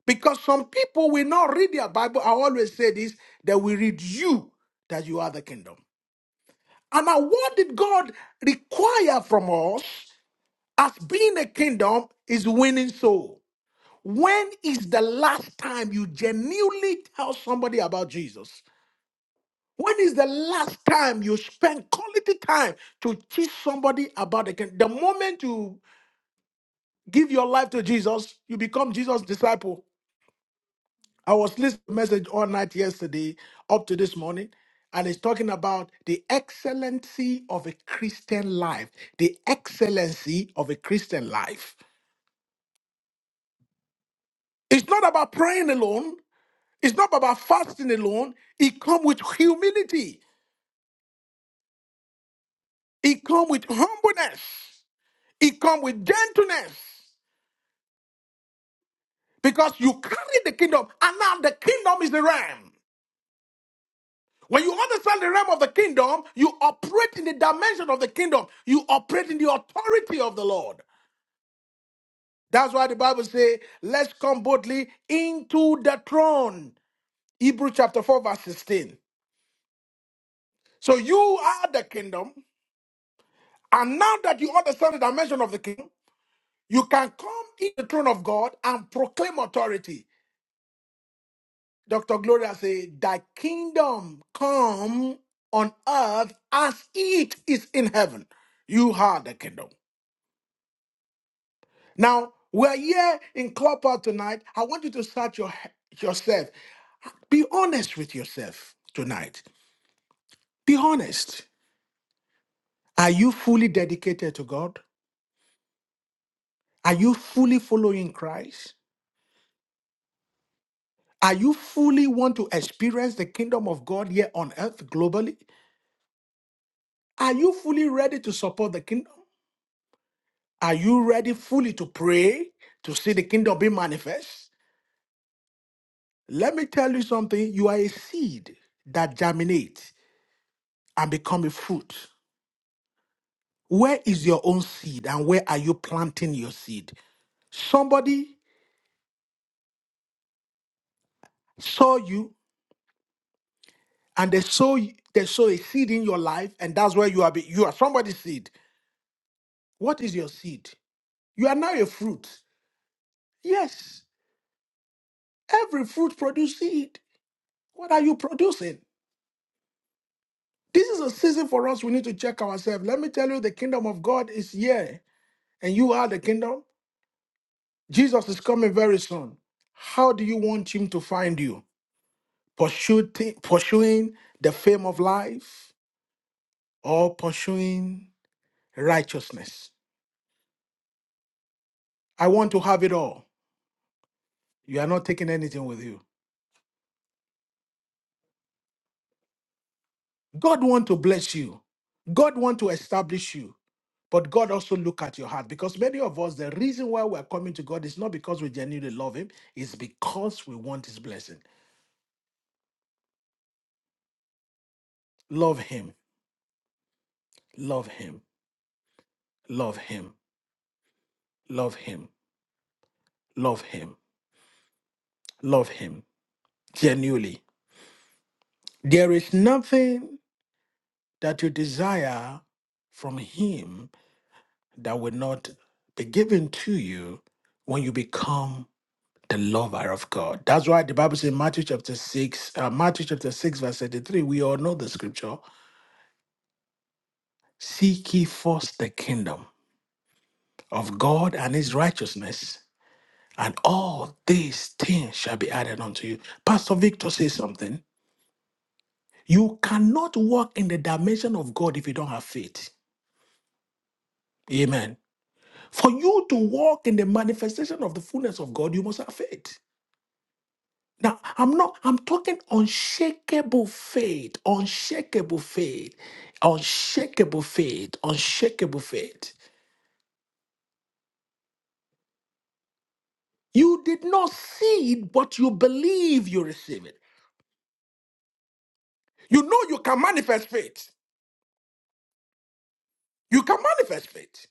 S3: Because some people will not read their Bible. I always say this they will read you that you are the kingdom. And now, what did God require from us as being a kingdom is winning soul? When is the last time you genuinely tell somebody about Jesus? When is the last time you spend quality time to teach somebody about the kingdom? The moment you give your life to Jesus, you become Jesus' disciple. I was listening to a message all night yesterday up to this morning, and it's talking about the excellency of a Christian life. The excellency of a Christian life. It's not about praying alone. It's not about fasting alone. It comes with humility. It comes with humbleness. It comes with gentleness. because you carry the kingdom and now the kingdom is the realm when you understand the realm of the kingdom you operate in the dimension of the kingdom you operate in the authority of the lord that's why the bible says let's come boldly into the throne Hebrews chapter 4 verse 16 so you are the kingdom and now that you understand the dimension of the kingdom you can come in the throne of god and proclaim authority Dr. Gloria say, Thy kingdom come on earth as it is in heaven. You are the kingdom. Now, we're here in Clopper tonight. I want you to search your, yourself. Be honest with yourself tonight. Be honest. Are you fully dedicated to God? Are you fully following Christ? Are you fully want to experience the kingdom of God here on earth globally? Are you fully ready to support the kingdom? Are you ready fully to pray to see the kingdom be manifest? Let me tell you something. You are a seed that germinates and become a fruit. Where is your own seed and where are you planting your seed? Somebody saw you and they saw they saw a seed in your life and that's where you are be- you are somebody's seed. What is your seed? You are now a fruit. Yes. Every fruit produces seed. What are you producing? This is a season for us. We need to check ourselves. Let me tell you, the kingdom of God is here, and you are the kingdom. Jesus is coming very soon. How do you want him to find you? Pursue thi- pursuing the fame of life or pursuing righteousness? I want to have it all. You are not taking anything with you. God want to bless you. God want to establish you. But God also look at your heart because many of us, the reason why we're coming to God is not because we genuinely love Him, it's because we want His blessing. Love Him, love Him, love Him, love Him, love Him, love Him, genuinely. There is nothing that you desire from Him that will not be given to you when you become the lover of God. That's why the Bible says in Matthew chapter 6, uh, Matthew chapter 6, verse 33, we all know the scripture. Seek ye first the kingdom of God and his righteousness, and all these things shall be added unto you. Pastor Victor says something. You cannot walk in the dimension of God if you don't have faith. Amen. For you to walk in the manifestation of the fullness of God, you must have faith. Now, I'm not, I'm talking unshakable faith, unshakable faith, unshakable faith, unshakable faith. You did not see it, but you believe you receive it. You know you can manifest faith. You can manifest faith.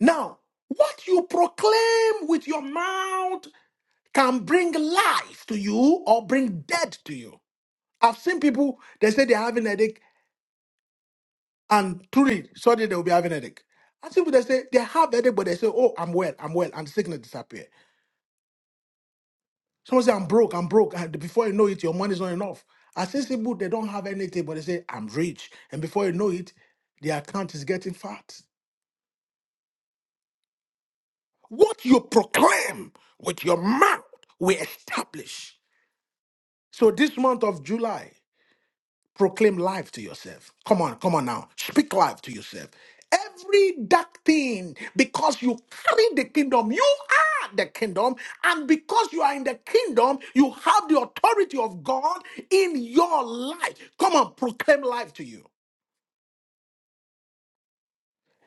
S3: Now, what you proclaim with your mouth can bring life to you or bring death to you. I've seen people, they say they're having a headache, and truly, suddenly they'll be having a headache. I've seen people, they say they have a headache, but they say, oh, I'm well, I'm well, and the sickness disappear. Someone say, I'm broke, I'm broke. And before you know it, your money is not enough. Assessing people, they don't have anything, but they say, I'm rich. And before you know it, their account is getting fat. What you proclaim with your mouth, we establish. So this month of July, Proclaim life to yourself. Come on, come on now. Speak life to yourself. Every dark thing, because you carry the kingdom, you are the kingdom, and because you are in the kingdom, you have the authority of God in your life. Come on, proclaim life to you.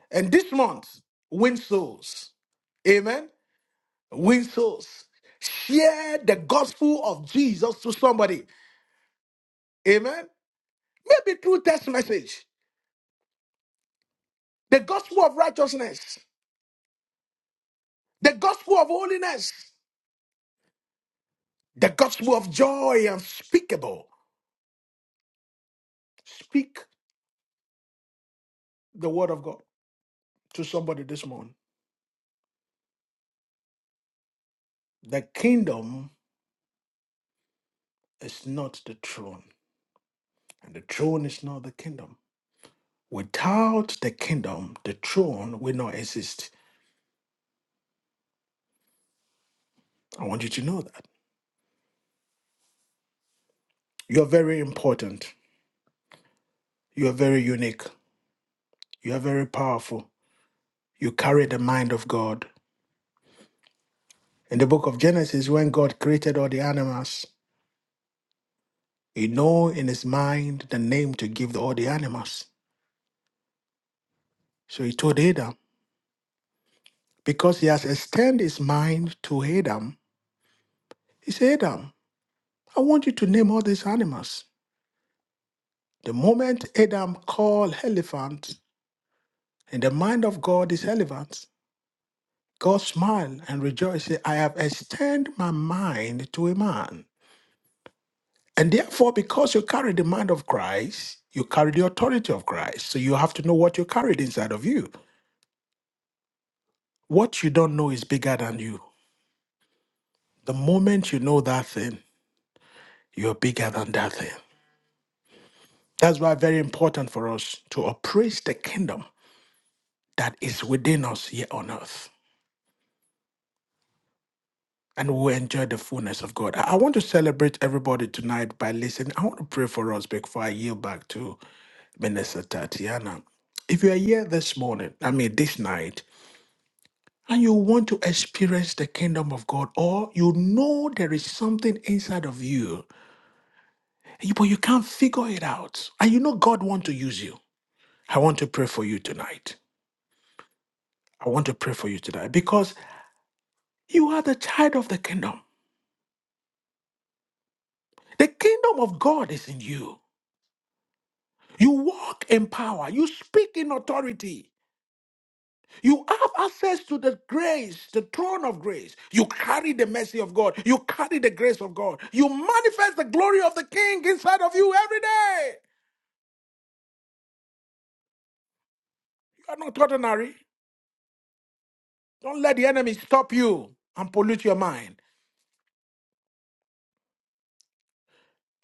S3: And this month, win souls. Amen. Win souls. Share the gospel of Jesus to somebody. Amen. Maybe through text message. The gospel of righteousness. The gospel of holiness, the gospel of joy unspeakable. Speak the word of God to somebody this morning. The kingdom is not the throne, and the throne is not the kingdom. Without the kingdom, the throne will not exist. I want you to know that. You're very important. You are very unique. You are very powerful. You carry the mind of God. In the book of Genesis, when God created all the animals, he knew in his mind the name to give all the animals. So he told Adam, because he has extended his mind to Adam, he said, Adam, I want you to name all these animals. The moment Adam called elephant, in the mind of God is elephant, God smiled and rejoiced, said, I have extended my mind to a man. And therefore, because you carry the mind of Christ, you carry the authority of Christ. So you have to know what you carried inside of you. What you don't know is bigger than you. The moment you know that thing, you're bigger than that thing. That's why very important for us to appraise the kingdom that is within us here on earth. And we will enjoy the fullness of God. I I want to celebrate everybody tonight by listening. I want to pray for us before I yield back to Minister Tatiana. If you are here this morning, I mean this night, and you want to experience the kingdom of God, or you know there is something inside of you, but you can't figure it out, and you know God wants to use you, I want to pray for you tonight. I want to pray for you tonight because You are the child of the kingdom. The kingdom of God is in you. You walk in power. You speak in authority. You have access to the grace, the throne of grace. You carry the mercy of God. You carry the grace of God. You manifest the glory of the King inside of you every day. You are not ordinary. Don't let the enemy stop you and pollute your mind.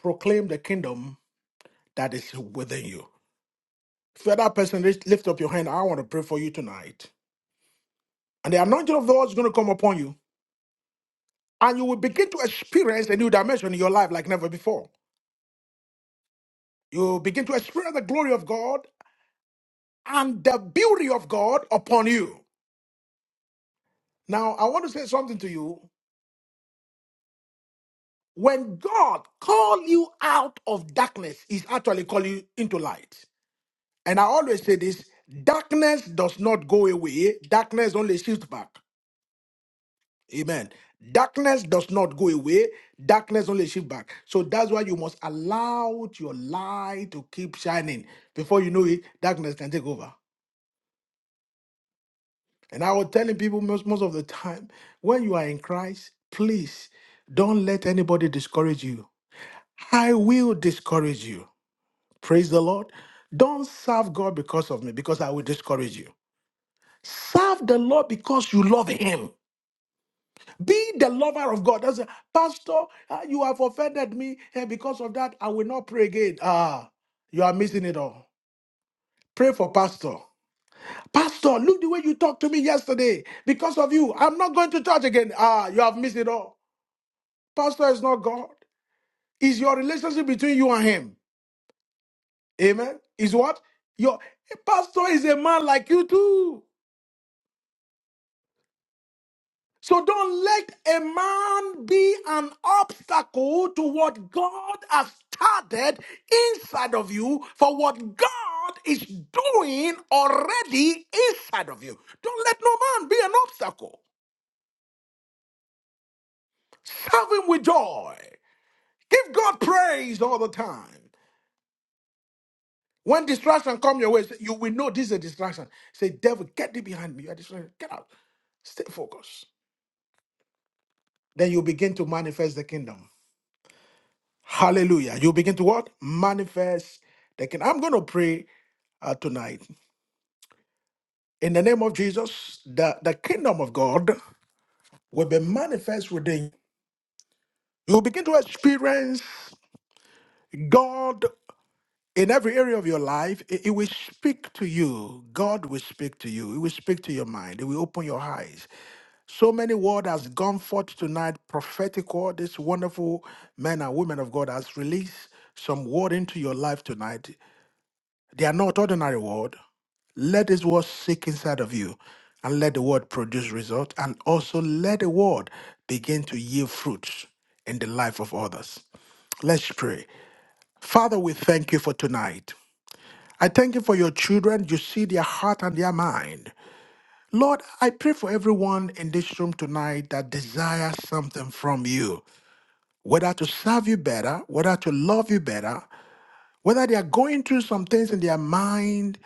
S3: Proclaim the kingdom that is within you. If you're that person, lift lift up your hand. I want to pray for you tonight. And the anointing of the Lord is going to come upon you. and you will begin to experience a new dimension in your life like never before. You will begin to experience the glory of God and the beauty of God upon you. Now, I want to say something to you. When God call you out of darkness, He's actually calling you into light. And I always say this darkness does not go away, darkness only shifts back. Amen. Darkness does not go away. Darkness only shift back. So that's why you must allow your light to keep shining. Before you know it, darkness can take over. And I was telling people most, most of the time, when you are in Christ, please don't let anybody discourage you. I will discourage you. Praise the Lord. Don't serve God because of me, because I will discourage you. Serve the Lord because you love Him. Be the lover of God. That's Pastor, ah, you have offended me, and because of that, I will not pray again. Ah, you are missing it all. Pray for Pastor. Pastor, look the way you talked to me yesterday. Because of you, I'm not going to church again. Ah, you have missed it all. Pastor is not God. It's your relationship between you and him. Amen. Is what? Your pastor is a man like you too. So don't let a man be an obstacle to what God has started inside of you for what God is doing already inside of you. Don't let no man be an obstacle. Serve him with joy. Give God praise all the time. When distraction come your way, say- you will know this is a distraction. Say, devil, get thee behind me. You are distracted. Get out. Stay focused. Then you begin to manifest the kingdom. Hallelujah. You begin to what? Manifest the kingdom. I'm going to pray uh, tonight. In the name of Jesus, the, the kingdom of God will be manifest within you. You begin to experience God in every area of your life. It, it will speak to you. God will speak to you. It will speak to your mind. It will open your eyes. So many word has gone forth tonight. Prophetic word. This wonderful men and women of God has released some word into your life tonight. They are not ordinary word. Let this word sink inside of you and let the word produce result and also let the word begin to yield fruits in the life of others. Let's pray. Father, we thank you for tonight. I thank you for your children. You see their heart and their mind. Lord, I pray for everyone in this room tonight that desires something from you, whether to serve you better, whether to love you better, Whether they are going through some things in their mind,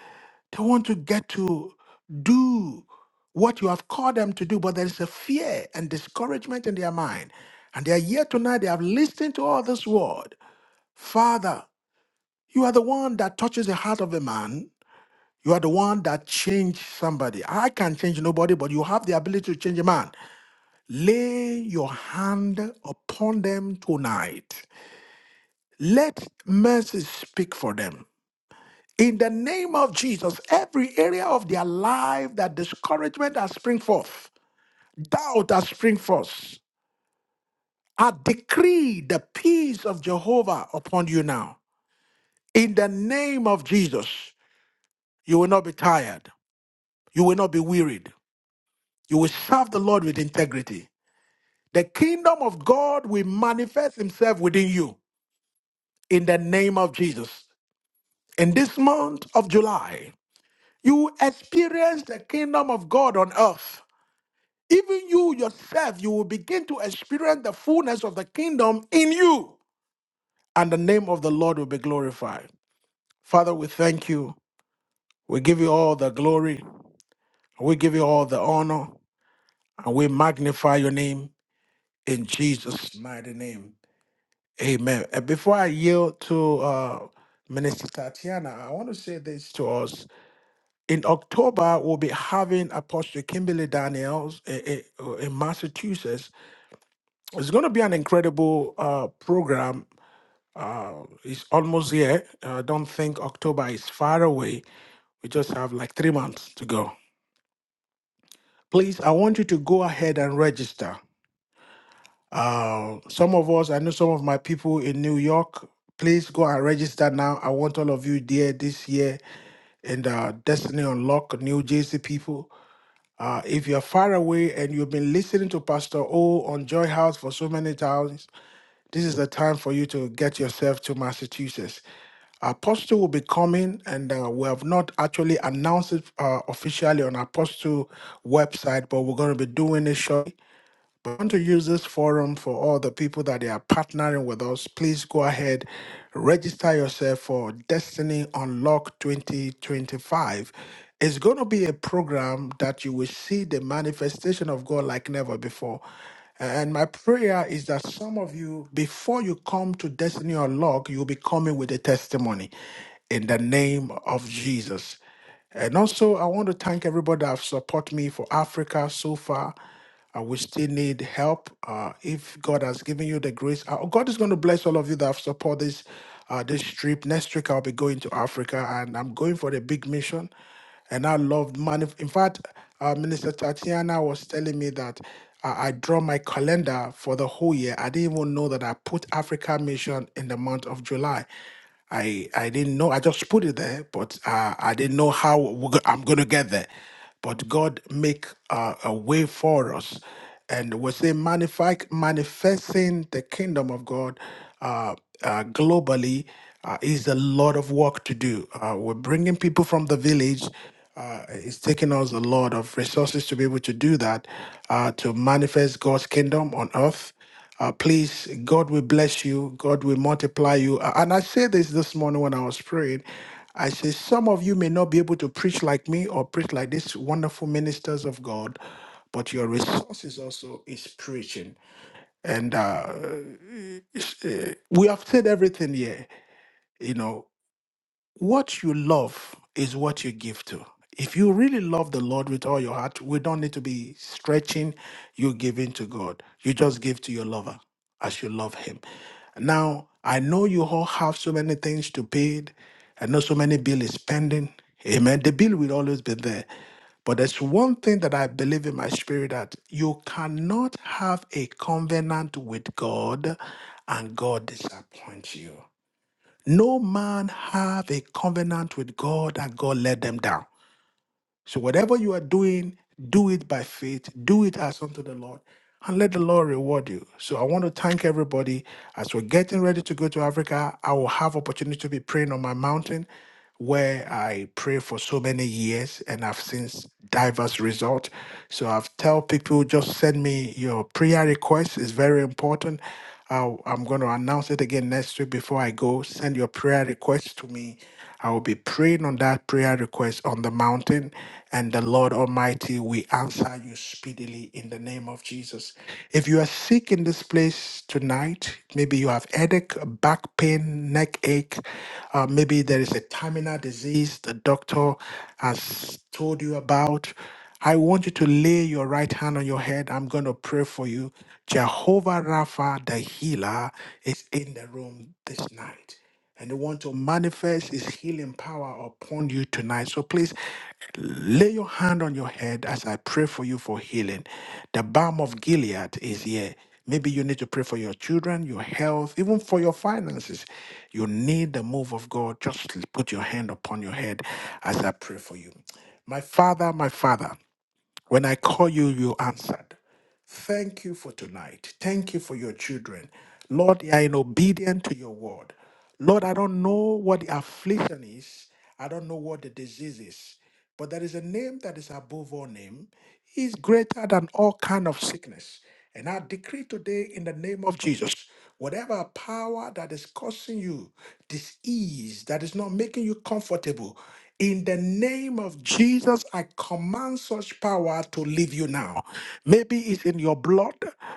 S3: they want to get to do what you have called them to do, but there is a fear and discouragement in their mind. And they are here tonight, they have listened to all this word. Father, you are the one that touches the heart of a man. You are the one that changed somebody. I can change nobody, but you have the ability to change a man. Lay your hand upon them tonight. Let mercy speak for them. In the name of Jesus, every area of their life that discouragement has spring forth, doubt has spring forth, I decree the peace of Jehovah upon you now. In the name of Jesus, you will not be tired. You will not be wearied. You will serve the Lord with integrity. The kingdom of God will manifest himself within you in the name of Jesus. In this month of July, you will experience the kingdom of God on earth even you yourself, you will begin to experience the fullness of the kingdom in you, and the name of the Lord will be glorified. Father, we thank you. We give you all the glory. We give you all the honor, and we magnify your name in Jesus' mighty name. Amen. And before I yield to uh, Minister Tatiana, I want to say this to us. In October, we'll be having Apostle Kimberly Daniels eh, eh, uh, in Massachusetts It's going to be an incredible uh, program. Uh, it's almost here. Uh, I don't think October is far away. We just have like three months to go. Please, I want you to go ahead and register. Uh, some of us, I know some of my people in New York, please go and register now. I want all of you there this year in uh, Destiny Unlock, New Jersey people. Uh, if you're far away and you've been listening to Pastor O on Joy House for so many times, This is the time for you to get yourself to Massachusetts. Apostle will be coming, and uh, we have not actually announced it uh, officially on Apostle website, but we're going to be doing it shortly. I want to use this forum for all the people that they are partnering with us. Please go ahead, register yourself for Destiny Unlock 2025. It's going to be a program that you will see the manifestation of God like never before. And my prayer is that some of you, before you come to Destiny Unlock, you'll be coming with a testimony in the name of Jesus. And also, I want to thank everybody that have supported me for Africa so far. Uh, we still need help. Uh, if God has given you the grace, uh, God is going to bless all of you that have supported this uh, this trip. Next week, I'll be going to Africa, and I'm going for the big mission and I loved man. in fact uh, Minister Tatiana was telling me that I, I draw my calendar for the whole year. I didn't even know that I put Africa Mission in the month of July. I I didn't know. I just put it there, but uh, I didn't know how we're go- I'm going to get there but God make uh, a way for us. And we say manifest, manifesting the kingdom of God uh, uh, globally uh, is a lot of work to do. Uh, we're bringing people from the village. Uh, it's taking us a lot of resources to be able to do that, uh, to manifest God's kingdom on earth. Uh, please, God will bless you. God will multiply you. A- And I said this this morning when I was praying. I say, some of you may not be able to preach like me or preach like these wonderful ministers of God, but your resources also is preaching. And uh, it's, uh, we have said everything here. You know, what you love is what you give to. If you really love the Lord with all your heart, we don't need to be stretching you giving to God. You just give to your lover as you love him. Now, I know you all have so many things to pay. I know so many bill is pending. Amen. The bill will always be there. But there's one thing that I believe in my spirit that you cannot have a covenant with God and God disappoints you. No man have a covenant with God that God let them down. So whatever you are doing, do it by faith, do it as unto the Lord, and let the Lord reward you. So I want to thank everybody. As we're getting ready to go to Africa, I will have opportunity to be praying on my mountain where I pray for so many years and I've seen s- diverse results. So I've tell people just send me your prayer request. It's very important. I'll, I'm going to announce it again next week before I go. Send your prayer request to me. I will be praying on that prayer request on the mountain, and the Lord Almighty will answer you speedily in the the name of Jesus. If you are sick in this place tonight, maybe you have headache, back pain, neck ache, uh, maybe there is a terminal disease the doctor has told you about. I want you to lay your right hand on your head. I'm going to pray for you. Jehovah Rapha, the healer, is in the room this night and they want to manifest his healing power upon you tonight. So please lay your hand on your head as I pray for you for healing. The balm of Gilead is here. Maybe you need to pray for your children, your health, even for your finances. You need the move of God. Just put your hand upon your head as I pray for you. My Father, my Father. When I call you, you answered. Thank you for tonight. Thank you for your children. Lord, they are in obedience to your word. Lord, I don't know what the affliction is. I don't know what the disease is. But there is a name that is above all name is greater than all kind of sickness. And I decree today in the name of Jesus, whatever power that is causing you disease, that is not making you comfortable, in the name of Jesus, I command such power to leave you now. Maybe it's in your blood,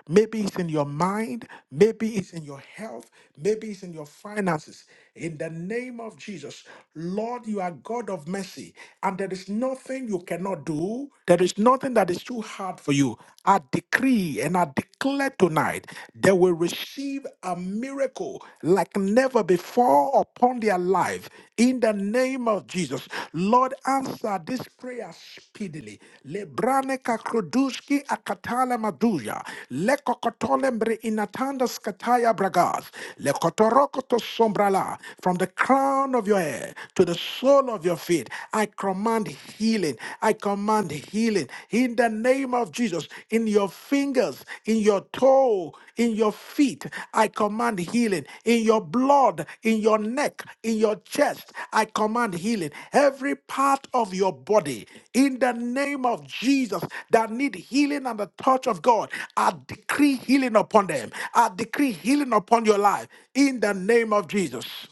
S3: maybe it's in your mind, maybe it's in your health, maybe it's in your finances in the name of Jesus. Lord, you are God of mercy, and there is nothing you cannot do. There is nothing that is too hard for you. I decree and I declare tonight they will receive a miracle like never before upon their life in the name of Jesus. Lord, answer this prayer speedily. Lebrane kakruduski akatale maduja. Lekokotole mbre inatanda skataya bragas. Lekotoroko to sombrala from the crown of your head to the sole of your feet. I command healing. I command healing in the name of Jesus. In your fingers, in your toe, in your feet, I command healing. In your blood, in your neck, in your chest, I command healing. Every part of your body, in the name of Jesus, that need healing and the touch of God, I decree healing upon them. I decree healing upon your life in the name of Jesus.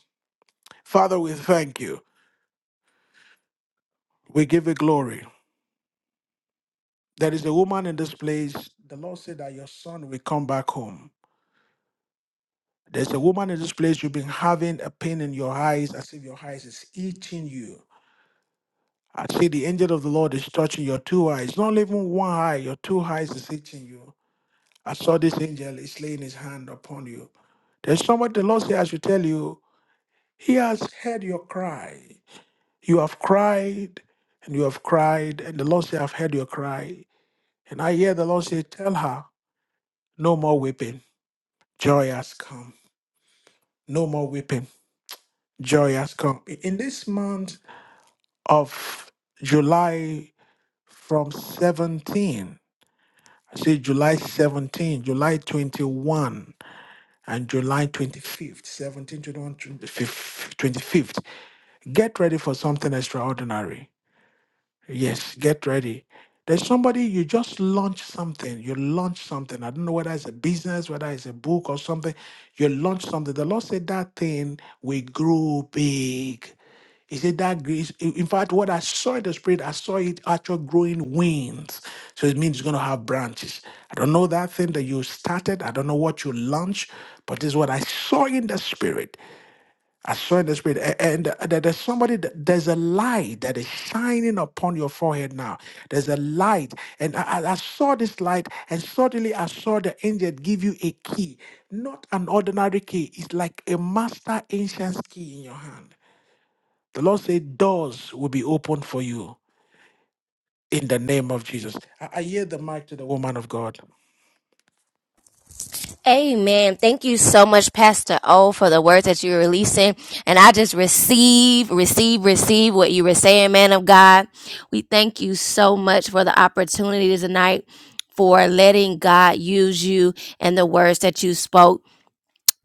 S3: Father, we thank you. We give you glory. There is a woman in this place. The Lord said that your son will come back home. There's a woman in this place. You've been having a pain in your eyes as if your eyes is eating you. I see the angel of the Lord is touching your two eyes. Not even one eye, your two eyes is eating you. I saw this angel is laying his hand upon you. There's somebody the Lord said I should tell you, He has heard your cry. You have cried and you have cried, and the Lord said, I've heard your cry. And I hear the Lord say, Tell her, no more weeping. Joy has come. No more weeping. Joy has come. In this month of July from 17, I say July 17, July 21, and July 25th, 21, twenty-fifth. 25th. Get ready for something extraordinary. Yes, get ready. There's somebody you just launch something. You launch something. I don't know whether it's a business, whether it's a book or something. You launch something. The Lord said that thing will grow big. He said that grace. In in fact, what I saw in the spirit, I saw it actual growing wings. So it means it's going to have branches. I don't know that thing that you started. I don't know what you launched, but this is what I saw in the spirit. I saw in the spirit, a- and that there's somebody, that- there's a light that is shining upon your forehead now. There's a light, and I, I I saw this light, and suddenly I saw the angel give you a key, not an ordinary key. It's like a master ancient key in your hand. The Lord said, doors will be opened for you in the name of Jesus. I, I hear the mic to the woman of God.
S1: Amen. Thank you so much, Pastor O, for the words that you're releasing. And I just receive, receive, receive what you were saying, man of God. We thank you so much for the opportunity tonight for letting God use you and the words that you spoke.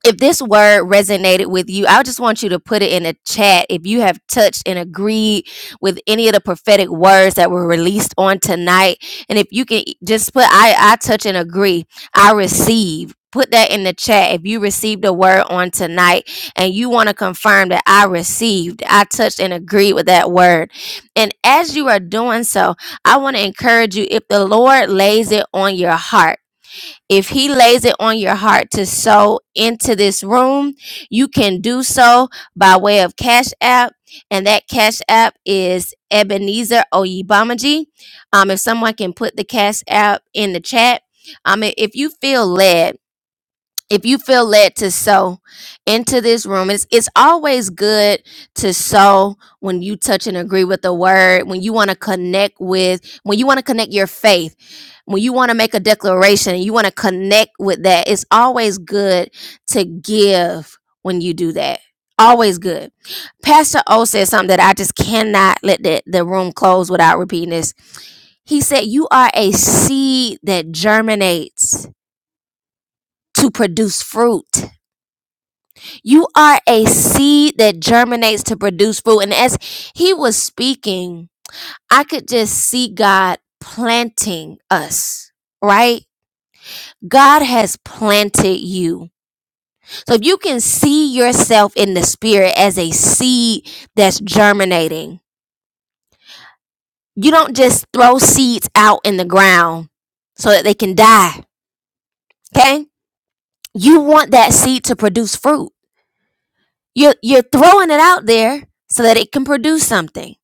S1: if this word resonated with you, I just want you to put it in the chat. If you have touched and agreed with any of the prophetic words that were released on tonight, and if you can e, just put I, I touch and agree, I receive. Put that in the chat if you received a word on tonight and you want to confirm that I received, I touched and agreed with that word. And as you are doing so, I want to encourage you if the Lord lays it on your heart if he lays it on your heart to sow into this room, you can do so by way of Cash App. And that Cash App is Ebenezer Oyibamaji. Um, if someone can put the Cash App in the chat. Um, if you feel led if you feel led to sow into this room it's, it's always good to sow when you touch and agree with the word when you want to connect with when you want to connect your faith when you want to make a declaration and you want to connect with that it's always good to give when you do that always good pastor o said something that i just cannot let the, the room close without repeating this he said you are a seed that germinates to produce fruit you are a seed that germinates to produce fruit. And as he was speaking, I could just see God planting us, right? God has planted you. So if you can see yourself in the spirit as a seed that's germinating, you don't just throw seeds out in the ground so that they can die. Okay? You want that seed to produce fruit. You're, you're throwing it out there so that it can produce something.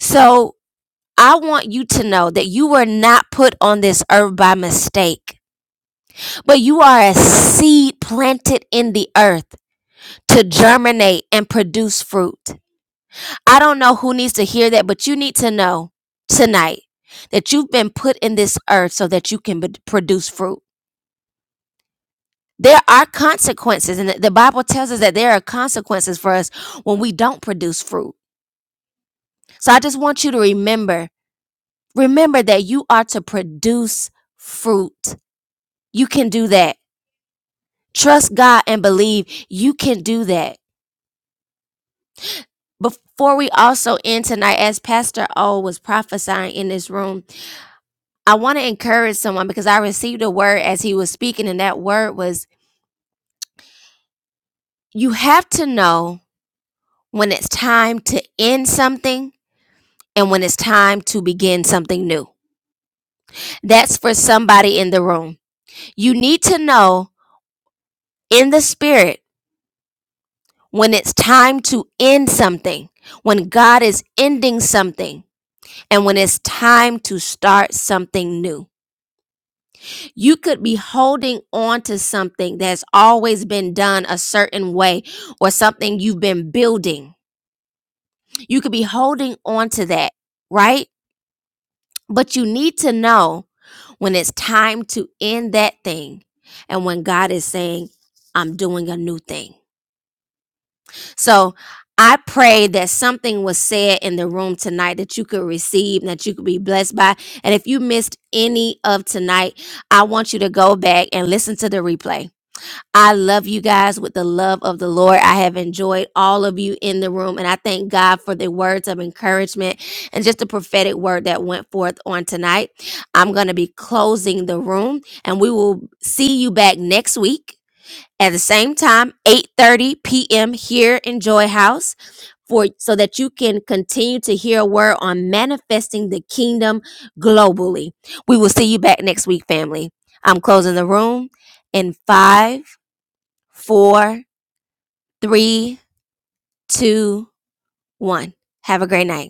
S1: So I want you to know that you were not put on this earth by mistake, but you are a seed planted in the earth to germinate and produce fruit. I don't know who needs to hear that, but you need to know tonight that you've been put in this earth so that you can b- produce fruit. There are consequences, and the the Bible tells us that there are consequences for us when we don't produce fruit. So I just want you to remember remember that you are to produce fruit. You can do that. Trust God and believe you can do that. Before we also end tonight, as Pastor O was prophesying in this room, I want to encourage someone because I received a word as he was speaking, and that word was you have to know when it's time to end something and when it's time to begin something new. That's for somebody in the room. You need to know in the spirit when it's time to end something, when God is ending something and when it's time to start something new. You could be holding on to something that's always been done a certain way or something you've been building. You could be holding on to that, right? But you need to know when it's time to end that thing and when God is saying, I'm doing a new thing. So I pray that something was said in the room tonight that you could receive and that you could be blessed by. And if you missed any of tonight, I want you to go back and listen to the replay. I love you guys with the love of the Lord. I have enjoyed all of you in the room, and I thank God for the words of encouragement and just the prophetic word that went forth on tonight. I'm going to be closing the room, and we will see you back next week at the same time 8:30 p.m. here in Joy House for so that you can continue to hear a word on manifesting the kingdom globally. We will see you back next week, family. I'm closing the room in five, four, three, two, one. Have a great night.